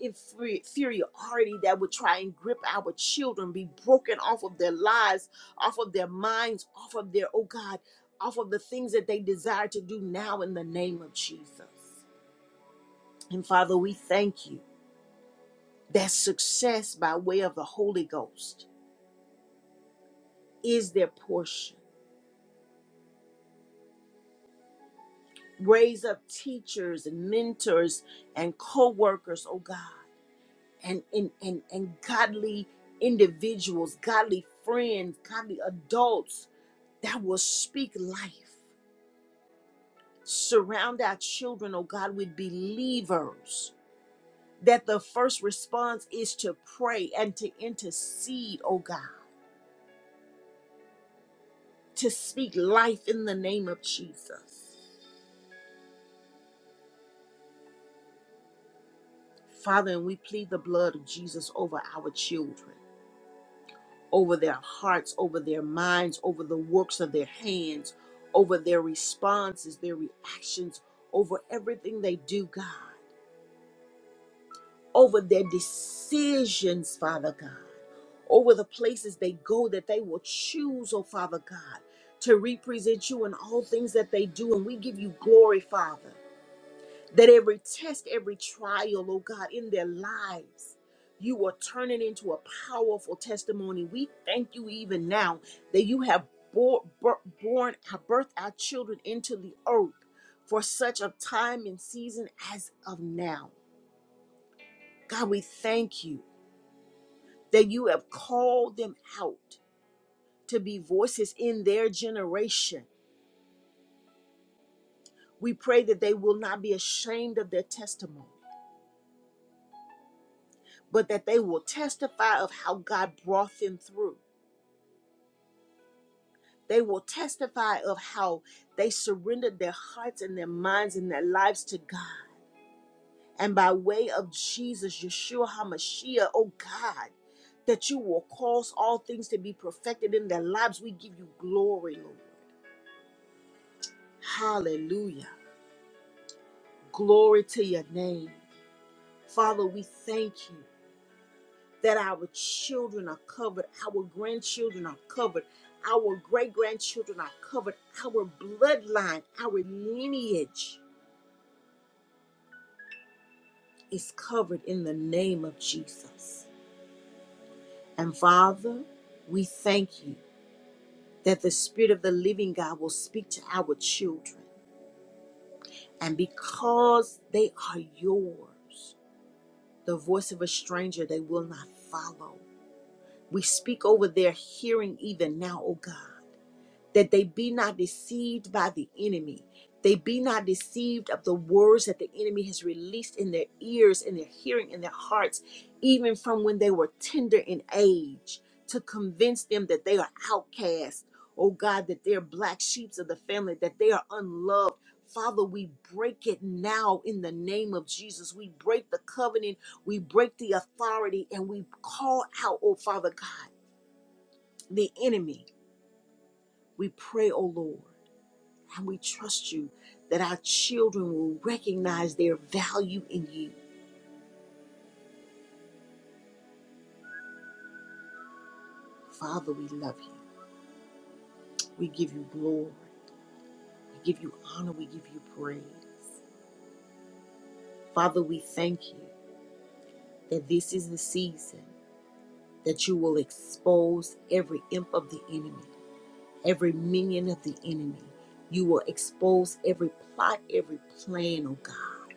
[SPEAKER 1] inferiority that would try and grip our children be broken off of their lives, off of their minds, off of their, oh God, off of the things that they desire to do now in the name of Jesus. And Father, we thank you that success by way of the Holy Ghost is their portion. Raise up teachers and mentors and co workers, oh God and and and, and godly individuals, godly friends, godly adults that will speak life. Surround our children, oh God, with believers. That the first response is to pray and to intercede, oh God, to speak life in the name of Jesus. Father, and we plead the blood of Jesus over our children. over their hearts, over their minds, over the works of their hands, over their responses, their reactions, over everything they do, God, over their decisions, Father God, over the places they go that they will choose, oh Father God, to represent you in all things that they do. And we give you glory, Father that every test, every trial, oh God, in their lives, you are turning into a powerful testimony. We thank you even now that you have bor- bor- born, have birthed our children into the earth for such a time and season as of now. God, we thank you that you have called them out to be voices in their generation. We pray that they will not be ashamed of their testimony but that they will testify of how God brought them through. They will testify of how they surrendered their hearts and their minds and their lives to God. And by way of Jesus, Yeshua HaMashiach, oh God, that you will cause all things to be perfected in their lives. We give you glory, Lord. Hallelujah. Glory to your name. Father, we thank you. that our children are covered, our grandchildren are covered, our great grandchildren are covered, our bloodline, our lineage is covered in the name of Jesus. And Father, we thank you that the Spirit of the living God will speak to our children. And because they are yours, the voice of a stranger they will not follow. We speak over their hearing even now, oh God. that they be not deceived by the enemy. They be not deceived of the words that the enemy has released in their ears, in their hearing, in their hearts, even from when they were tender in age, to convince them that they are outcasts. Oh God, that they're black sheep of the family, that they are unloved. Father, we break it now in the name of Jesus. We break the covenant, we break the authority, and we call out, oh Father God, the enemy. We pray, oh Lord. And we trust you that our children will recognize their value in you. Father, we love you. We give you glory. We give you honor. We give you praise. Father, we thank you that this is the season that you will expose every imp of the enemy, every minion of the enemy. You will expose every plot, every plan, oh God.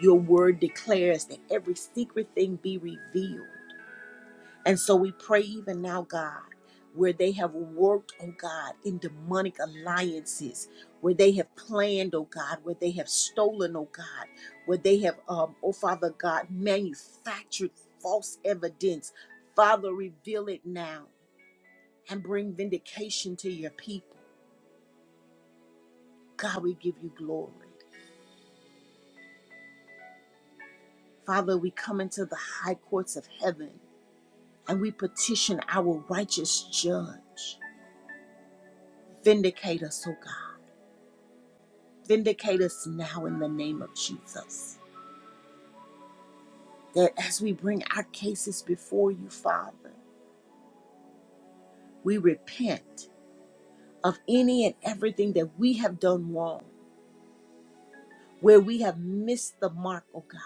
[SPEAKER 1] Your word declares that every secret thing be revealed. And so we pray even now, God, where they have worked, oh God, in demonic alliances, where they have planned, oh God, where they have stolen, oh God, where they have, um, oh Father God, manufactured false evidence. Father, reveal it now and bring vindication to your people. God, we give you glory. Father, we come into the high courts of heaven and we petition our righteous judge. Vindicate us, oh God. Vindicate us now in the name of Jesus. That as we bring our cases before you, Father, we repent of any and everything that we have done wrong, where we have missed the mark, oh God.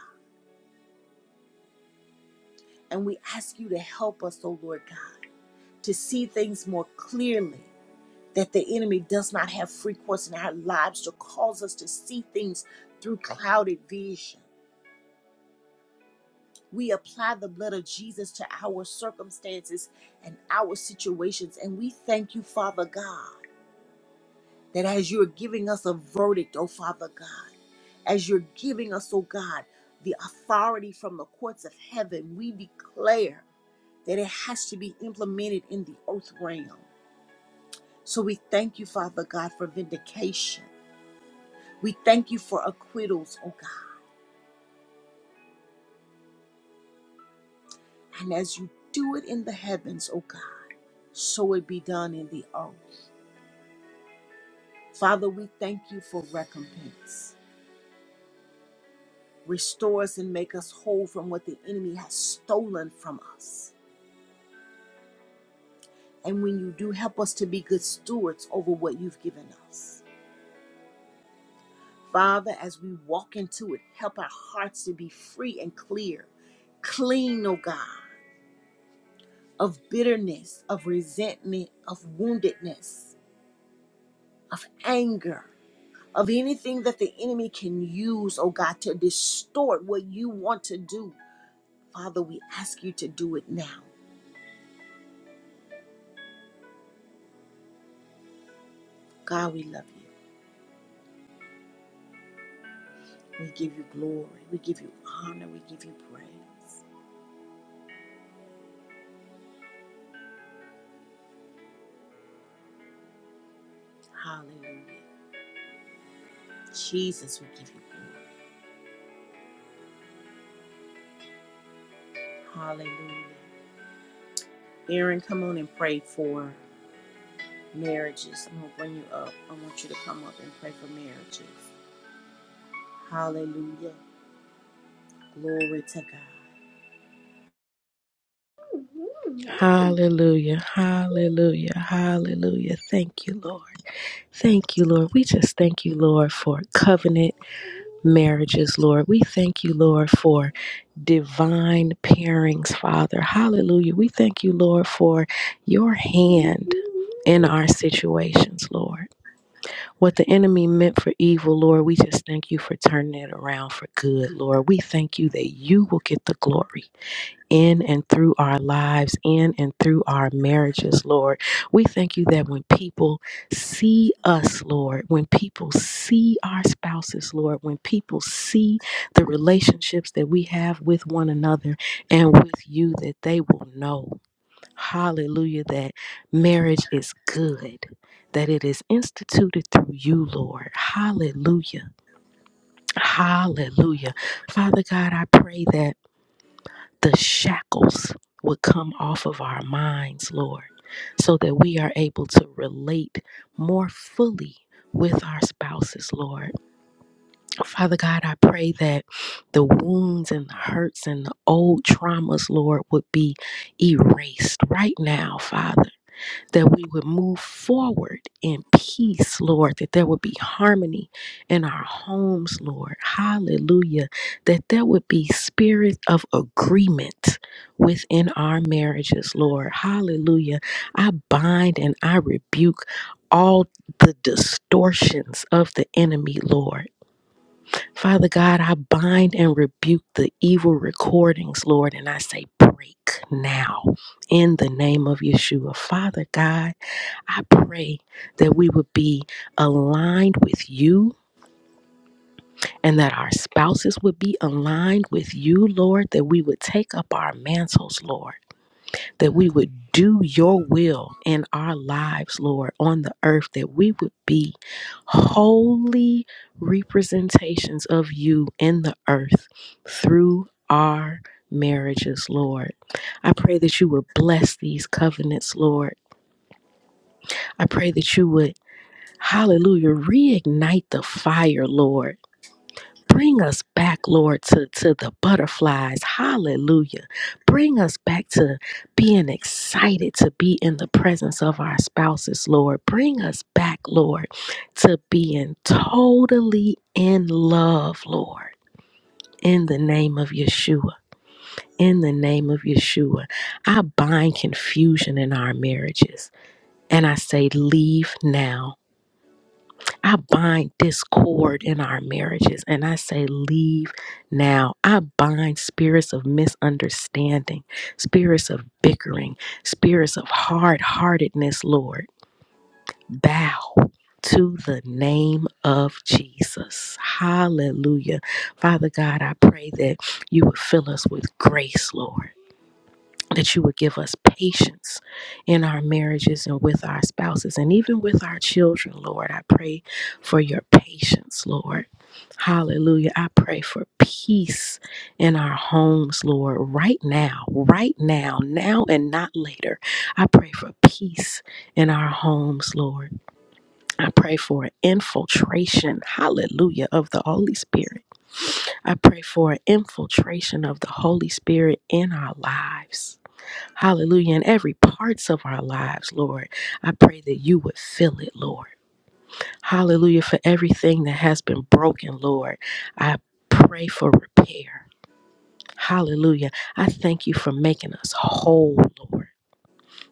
[SPEAKER 1] And we ask you to help us, oh Lord God, to see things more clearly, that the enemy does not have free course in our lives to cause us to see things through clouded vision. We apply the blood of Jesus to our circumstances and our situations. And we thank you, Father God, that as you're giving us a verdict, oh Father God, as you're giving us, oh God, the authority from the courts of heaven, we declare that it has to be implemented in the earth realm. So we thank you, Father God, for vindication. We thank you for acquittals, oh God. And as you do it in the heavens, oh God, so it be done in the earth. Father, we thank you for recompense. Restore us and make us whole from what the enemy has stolen from us. And when you do, help us to be good stewards over what you've given us. Father, as we walk into it, help our hearts to be free and clear, clean, oh God, of bitterness, of resentment, of woundedness, of anger, of anything that the enemy can use, oh God, to distort what you want to do Father, we ask you to do it now. God, we love you. We give you glory. We give you honor. We give you praise. Hallelujah. Jesus, we give you glory. Hallelujah. Aaron, come on and pray for marriages. I'm going to bring you up. I want you to come up and pray for marriages. Hallelujah. Glory to God.
[SPEAKER 2] Hallelujah. Hallelujah. Hallelujah. Thank you, Lord. Thank you, Lord. We just thank you, Lord, for covenant marriages, Lord. We thank you, Lord, for divine pairings, Father. Hallelujah. We thank you, Lord, for your hand in our situations, Lord. What the enemy meant for evil, Lord, we just thank you for turning it around for good, Lord. We thank you that you will get the glory in and through our lives, in and through our marriages, Lord. We thank you that when people see us, Lord, when people see our spouses, Lord, when people see the relationships that we have with one another and with you, that they will know, hallelujah, that marriage is good, that it is instituted through you, Lord. Hallelujah. Hallelujah. Father God, I pray that the shackles would come off of our minds, Lord, so that we are able to relate more fully with our spouses, Lord. Father God, I pray that the wounds and the hurts and the old traumas, Lord, would be erased right now, Father that we would move forward in peace, Lord, that there would be harmony in our homes, Lord. Hallelujah. That there would be spirit of agreement within our marriages, Lord. Hallelujah. I bind and I rebuke all the distortions of the enemy, Lord. Father God, I bind and rebuke the evil recordings, Lord, and I say, break now in the name of Yeshua. Father God, I pray that we would be aligned with you and that our spouses would be aligned with you, Lord, that we would take up our mantles, Lord, that we would do your will in our lives, Lord, on the earth, that we would be holy representations of you in the earth through our marriages, Lord. I pray that you would bless these covenants, Lord. I pray that you would Hallelujah. Reignite the fire, Lord. Bring us back, Lord, to, to the butterflies. Hallelujah. Bring us back to being excited to be in the presence of our spouses, Lord. Bring us back, Lord, to being totally in love, Lord, in the name of Yeshua. In the name of Yeshua, I bind confusion in our marriages and I say, Leave now I bind discord in our marriages and I say, Leave now. I bind spirits of misunderstanding, spirits of bickering, spirits of hard heartedness, Lord. Bow to the name of Jesus. Hallelujah. Father God, I pray that you would fill us with grace, Lord that you would give us patience in our marriages and with our spouses and even with our children, Lord. I pray for your patience, Lord. Hallelujah. I pray for peace in our homes, Lord, right now, right now, now and not later. I pray for peace in our homes, Lord. I pray for an infiltration, hallelujah, of the Holy Spirit. I pray for an infiltration of the Holy Spirit in our lives. Hallelujah. In every parts of our lives, Lord, I pray that you would fill it, Lord. Hallelujah. For everything that has been broken, Lord, I pray for repair. Hallelujah. I thank you for making us whole, Lord.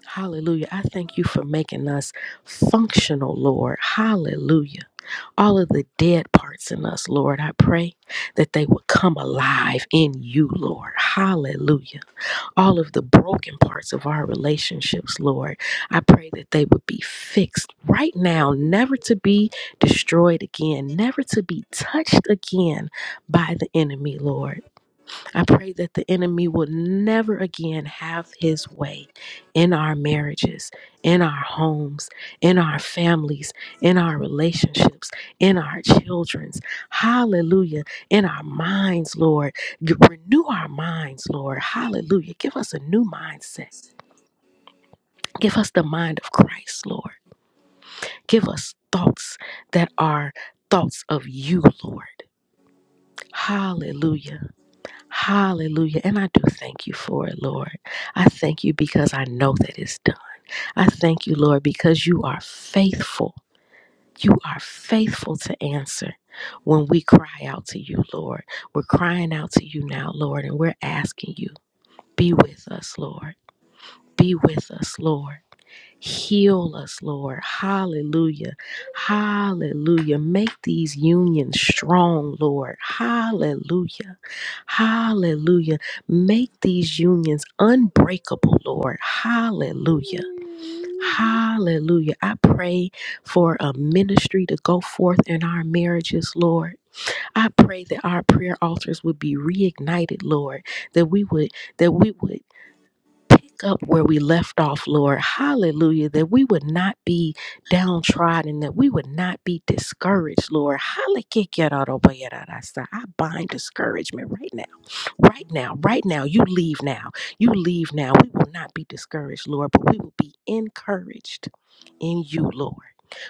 [SPEAKER 2] Hallelujah. I thank you for making us functional, Lord. Hallelujah. All of the dead parts in us, Lord, I pray that they would come alive in you, Lord. Hallelujah all of the broken parts of our relationships, Lord. I pray that they would be fixed right now, never to be destroyed again, never to be touched again by the enemy, Lord. I pray that the enemy will never again have his way in our marriages, in our homes, in our families, in our relationships, in our children's. Hallelujah. In our minds, Lord. G- Renew our minds, Lord. Hallelujah. Give us a new mindset. Give us the mind of Christ, Lord. Give us thoughts that are thoughts of you, Lord. Hallelujah. Hallelujah. And I do thank you for it, Lord. I thank you because I know that it's done. I thank you, Lord, because you are faithful. You are faithful to answer when we cry out to you, Lord. We're crying out to you now, Lord, and we're asking you, be with us, Lord. Be with us, Lord. Heal us, Lord. Hallelujah. Hallelujah. Make these unions strong, Lord. Hallelujah. Hallelujah. Make these unions unbreakable, Lord. Hallelujah. Hallelujah. I pray for a ministry to go forth in our marriages, Lord. I pray that our prayer altars would be reignited, Lord, that we would that we would pick up where we left off, Lord. Hallelujah. That we would not be downtrodden, that we would not be discouraged, Lord. Hallelujah. I bind discouragement right now, right now, right now. You leave now. You leave now. We will not be discouraged, Lord, but we will be encouraged in you, Lord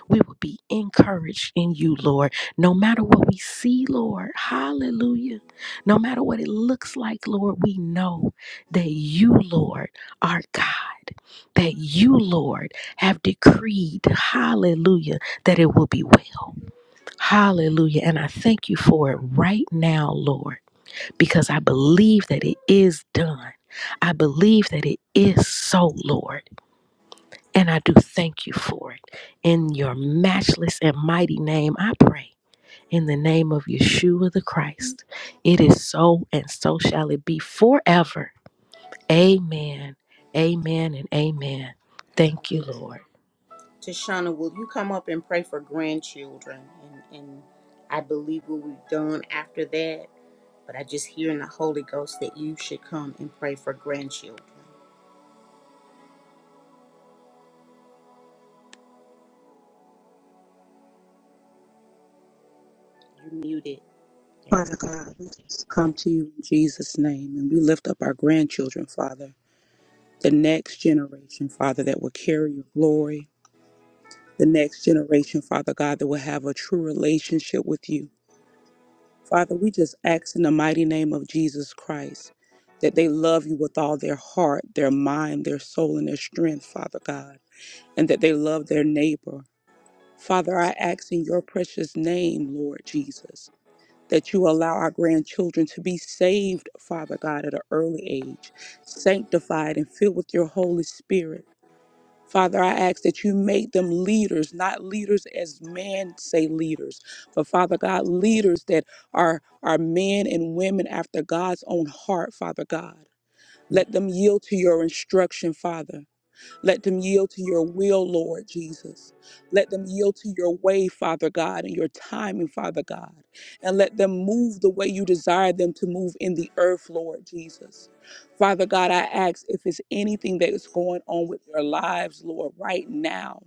[SPEAKER 2] we will be encouraged in you, Lord, no matter what we see, Lord. Hallelujah. No matter what it looks like, Lord, we know that you, Lord, are God. That you, Lord, have decreed, hallelujah, that it will be well. Hallelujah. And I thank you for it right now, Lord, because I believe that it is done. I believe that it is so, Lord. And I do thank you for it. In your matchless and mighty name, I pray. In the name of Yeshua the Christ, it is so, and so shall it be forever. Amen. Amen and amen. Thank you,
[SPEAKER 1] Hallelujah.
[SPEAKER 2] Lord.
[SPEAKER 1] Tashana, will you come up and pray for grandchildren? And, and I believe what we've done after that. But I just hear in the Holy Ghost that you should come and pray for grandchildren. You muted.
[SPEAKER 3] Father God, we just come to you in Jesus' name and we lift up our grandchildren, Father, the next generation, Father, that will carry your glory, the next generation, Father God, that will have a true relationship with you. Father, we just ask in the mighty name of Jesus Christ that they love you with all their heart, their mind, their soul, and their strength, Father God, and that they love their neighbor. Father, I ask in your precious name, Lord Jesus. that you allow our grandchildren to be saved, Father God, at an early age, sanctified and filled with your Holy Spirit. Father, I ask that you make them leaders, not leaders as men say leaders, but Father God, leaders that are, are men and women after God's own heart, Father God. Let them yield to your instruction, Father. Let them yield to your will, Lord Jesus. Let them yield to your way, Father God, and your timing, Father God. And let them move the way you desire them to move in the earth, Lord Jesus. Father God, I ask if it's anything that is going on with their lives, Lord, right now,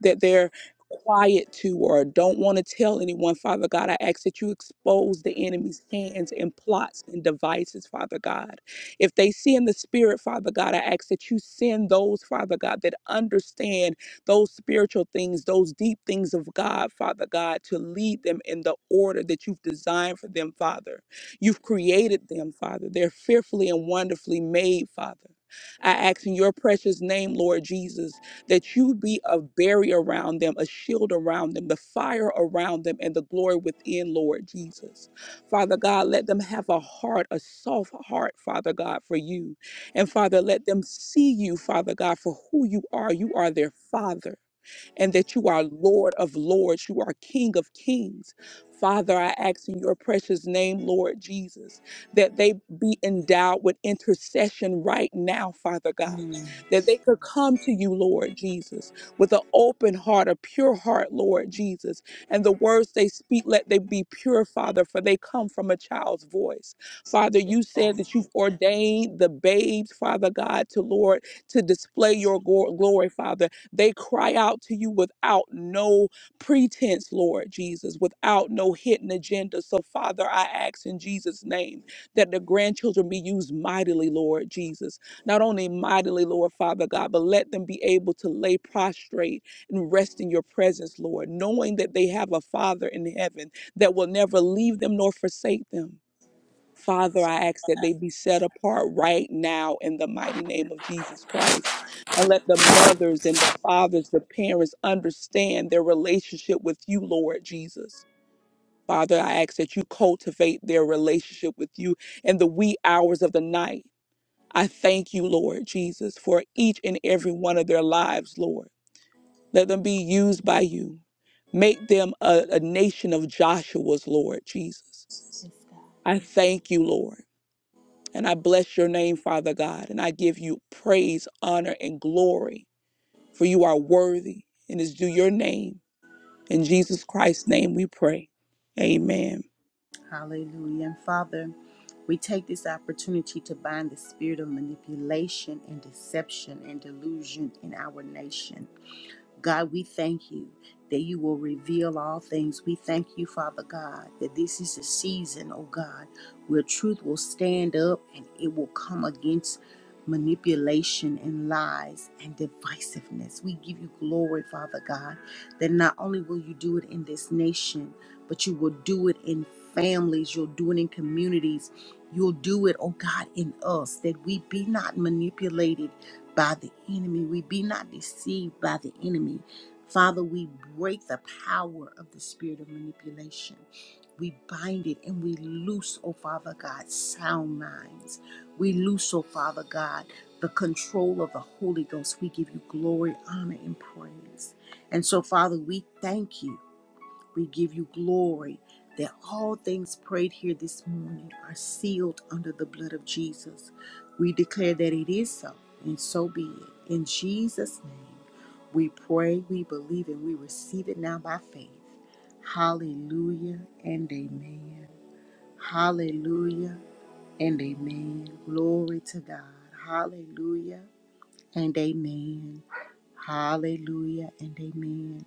[SPEAKER 3] that they're quiet to or don't want to tell anyone, Father God. I ask that you expose the enemy's hands and plots and devices, Father God. If they see in the spirit, Father God, I ask that you send those, Father God, that understand those spiritual things, those deep things of God, Father God, to lead them in the order that you've designed for them, Father. You've created them, Father. They're fearfully and wonderfully made, Father. I ask in your precious name, Lord Jesus, that you be a barrier around them, a shield around them, the fire around them, and the glory within, Lord Jesus. Father God, let them have a heart, a soft heart, Father God, for you. And Father, let them see you, Father God, for who you are. You are their Father and that you are Lord of lords, you are King of kings. Father, I ask in your precious name, Lord Jesus, that they be endowed with intercession right now, Father God.
[SPEAKER 1] Mm.
[SPEAKER 3] That they could come to you, Lord Jesus, with an open heart, a pure heart, Lord Jesus. And the words they speak, let they be pure, Father, for they come from a child's voice. Father, you said that you've ordained the babes, Father God, to Lord, to display your glo- glory, Father. They cry out to you without no pretense, Lord Jesus, without no hidden agenda. So, Father, I ask in Jesus' name that the grandchildren be used mightily, Lord Jesus. Not only mightily, Lord Father God, but let them be able to lay prostrate and rest in your presence, Lord, knowing that they have a Father in heaven that will never leave them nor forsake them. Father, I ask that they be set apart right now in the mighty name of Jesus Christ. And let the mothers and the fathers, the parents understand their relationship with you, Lord Jesus. Father, I ask that you cultivate their relationship with you in the wee hours of the night. I thank you, Lord Jesus, for each and every one of their lives, Lord. Let them be used by you. Make them a, a nation of Joshua's, Lord Jesus. I thank you, Lord. And I bless your name, Father God, and I give you praise, honor, and glory, for you are worthy, and it's due your name. In Jesus Christ's name we pray. Amen.
[SPEAKER 1] Hallelujah. And Father, we take this opportunity to bind the spirit of manipulation and deception and delusion in our nation. God, we thank you that you will reveal all things. We thank you, Father God, that this is a season, oh God, where truth will stand up and it will come against manipulation and lies and divisiveness. We give you glory, Father God, that not only will you do it in this nation, but you will do it in families, you'll do it in communities, you'll do it, oh God, in us, that we be not manipulated by the enemy, we be not deceived by the enemy. Father, we break the power of the spirit of manipulation. We bind it and we loose, oh Father God, sound minds. We loose, oh Father God, the control of the Holy Ghost. We give you glory, honor, and praise. And so, Father, we thank you. We give you glory that all things prayed here this morning are sealed under the blood of Jesus. We declare that it is so, and so be it. In Jesus' name, we pray, we believe, and we receive it now by faith. Hallelujah and amen. Hallelujah and amen. Glory to God. Hallelujah and amen. Hallelujah and amen.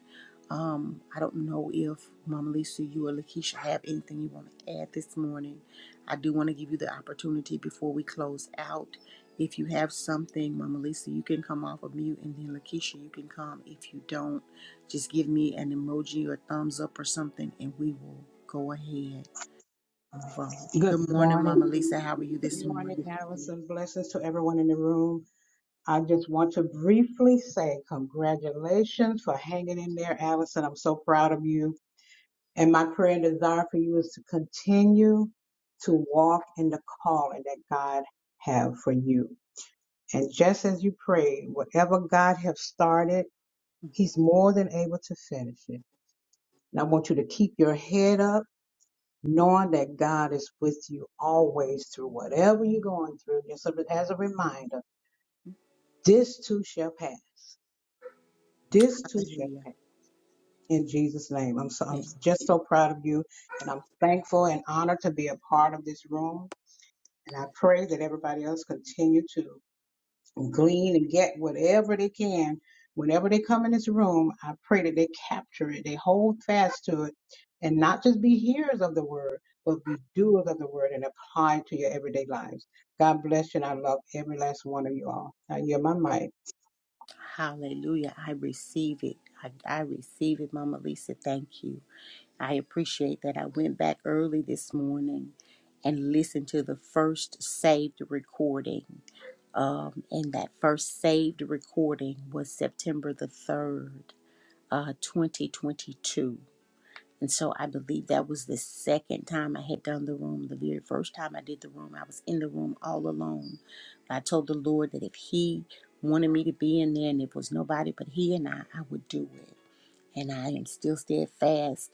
[SPEAKER 1] Um, I don't know if Mama Lisa, you or Lakeisha have anything you want to add this morning. I do want to give you the opportunity before we close out. If you have something, Mama Lisa, you can come off of mute, and then Lakeisha, you can come. If you don't, just give me an emoji or a thumbs up or something, and we will go ahead and move on.
[SPEAKER 4] Good
[SPEAKER 1] Good morning, Mama
[SPEAKER 4] morning.
[SPEAKER 1] Lisa. How are you
[SPEAKER 4] Good
[SPEAKER 1] this
[SPEAKER 4] morning,
[SPEAKER 1] morning?
[SPEAKER 4] Harrison. Blessings to everyone in the room. I just want to briefly say congratulations for hanging in there, Allison. I'm so proud of you. And my prayer and desire for you is to continue to walk in the calling that God have for you. And just as you pray, whatever God has started, He's more than able to finish it. And I want you to keep your head up knowing that God is with you always through whatever you're going through, just so that- as a reminder, this too shall pass. This too shall
[SPEAKER 1] Hallelujah.
[SPEAKER 4] pass. In Jesus' name, I'm so, I'm just so proud of you, and I'm thankful and honored to be a part of this room. And I pray that everybody else continue to glean and get whatever they can. Whenever they come in this room, I pray that they capture it, they hold fast to it, and not just be hearers of the word, but be doers of the word and apply it to your everyday lives. God bless you, and I love every last one of you all. I yield my mic.
[SPEAKER 1] Hallelujah. I receive it. I, I receive it, Mama Lisa. Thank you. I appreciate that. I went back early this morning and listened to the first saved recording. Um, and that first saved recording was September the 3rd, uh, 2022. And so I believe that was the second time I had done the room. The very first time I did the room, I was in the room all alone. I told the Lord that if He wanted me to be in there and it was nobody but He and I, I would do it. And I am still steadfast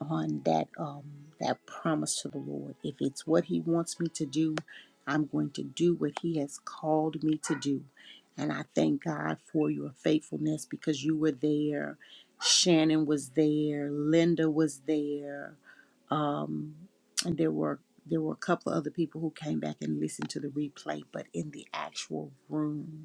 [SPEAKER 1] on that um that promise to the Lord. If it's what he wants me to do, I'm going to do what he has called me to do. And I thank God for your faithfulness because you were there. Shannon was there, Linda was there. Um and there were there were a couple of other people who came back and listened to the replay, but in the actual room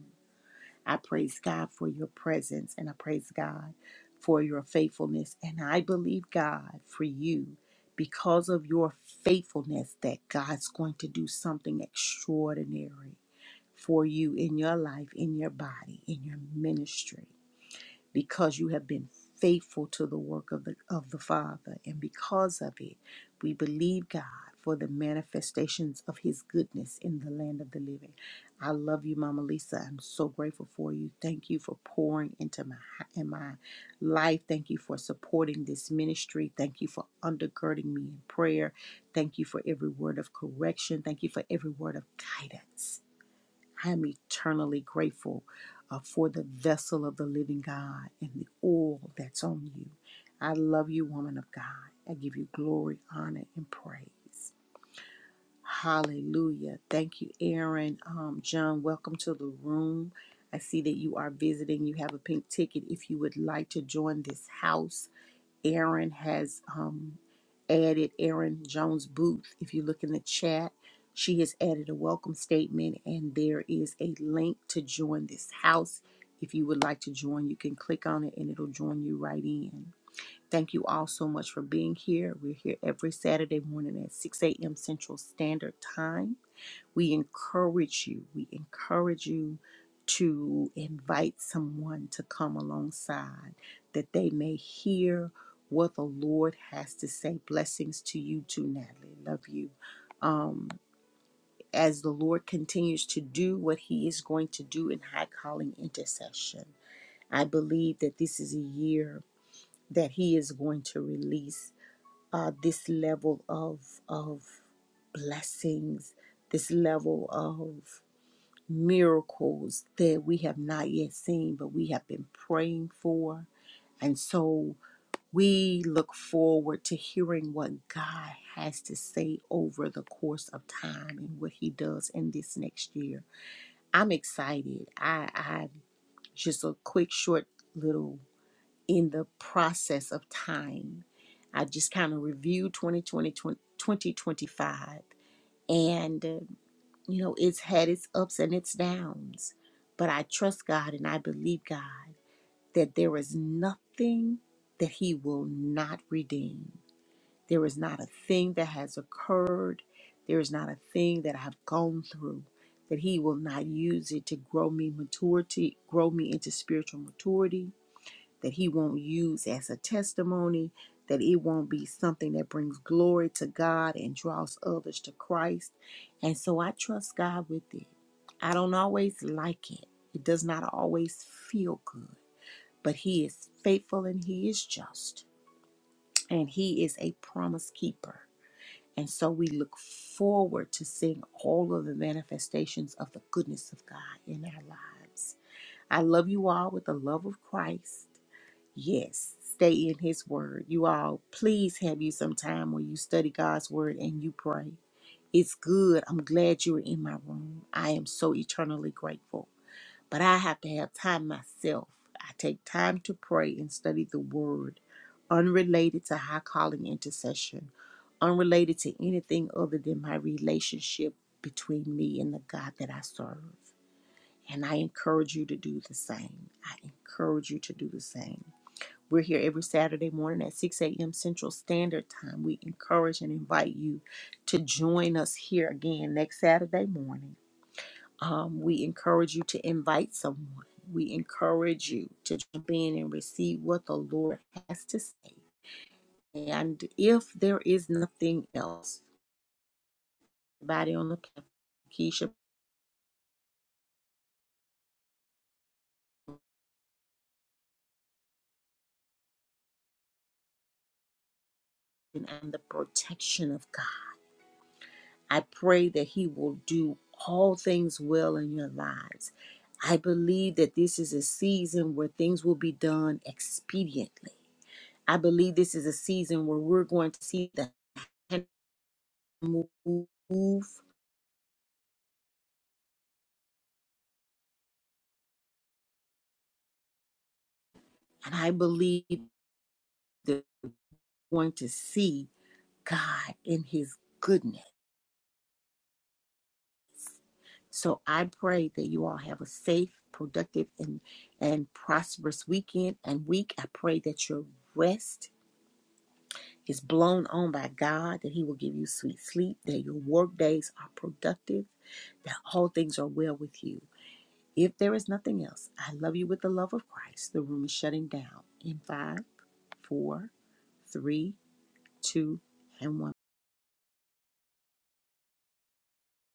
[SPEAKER 1] I praise God for your presence and I praise God for your faithfulness. And I believe God for you because of your faithfulness that God's going to do something extraordinary for you in your life, in your body, in your ministry because you have been faithful to the work of the of the Father, and because of it, we believe God for the manifestations of His goodness in the land of the living. I love you, Mama Lisa. I'm so grateful for you. Thank you for pouring into my in my life. Thank you for supporting this ministry. Thank you for undergirding me in prayer. Thank you for every word of correction. Thank you for every word of guidance. I am eternally grateful uh, for the vessel of the living God and the oil that's on you. I love you, woman of God. I give you glory, honor, and praise. Hallelujah. Thank you, Aaron. Um, John, welcome to the room. I see that you are visiting. You have a pink ticket. If you would like to join this house, Aaron has um, added Aaron Jones Booth. If you look in the chat, she has added a welcome statement, and there is a link to join this house. If you would like to join, you can click on it and it'll join you right in. Thank you all so much for being here. We're here every Saturday morning at 6 a.m. Central Standard Time. We encourage you. We encourage you to invite someone to come alongside that they may hear what the Lord has to say. Blessings to you too, Natalie. Love you. Um, as the Lord continues to do what He is going to do in high calling intercession, I believe that this is a year that He is going to release uh, this level of of blessings, this level of miracles that we have not yet seen, but we have been praying for. And so we look forward to hearing what God has to say over the course of time and what He does in this next year. I'm excited. I, I just a quick, short little in the process of time. I just kind of reviewed 2020, 2025. You know, it's had its ups and its downs, but I trust God and I believe God that there is nothing that He will not redeem. There is not a thing that has occurred. There is not a thing that I've gone through that He will not use it to grow me maturity, grow me into spiritual maturity, that he won't use as a testimony, that it won't be something that brings glory to God and draws others to Christ. And so I trust God with it. I don't always like it, it does not always feel good, but he is faithful and he is just, and he is a promise keeper. And so we look forward to seeing all of the manifestations of the goodness of God in our lives. I love you all with the love of Christ. Yes, stay in His Word. You all, please have you some time where you study God's Word and you pray. It's good. I'm glad you're in my room. I am so eternally grateful. But I have to have time myself. I take time to pray and study the Word, unrelated to high calling intercession, unrelated to anything other than my relationship between me and the God that I serve. And I encourage you to do the same. I encourage you to do the same. We're here every Saturday morning at 6 a.m. Central Standard Time. We encourage and invite you to join us here again next Saturday morning. Um, we encourage you to invite someone. We encourage you to jump in and receive what the Lord has to say. And if there is nothing else, everybody on the platform, Keisha, and the protection of God. I pray that He will do all things well in your lives. I believe that this is a season where things will be done expediently. I believe this is a season where we're going to see the hand move, and I believe that we're going to see God in His goodness. So I pray that you all have a safe, productive, and and prosperous weekend and week. I pray that your rest is blown on by God, that He will give you sweet sleep, that your work days are productive, that all things are well with you. If there is nothing else, I love you with the love of Christ. The room is shutting down in five, four, three, two, and one.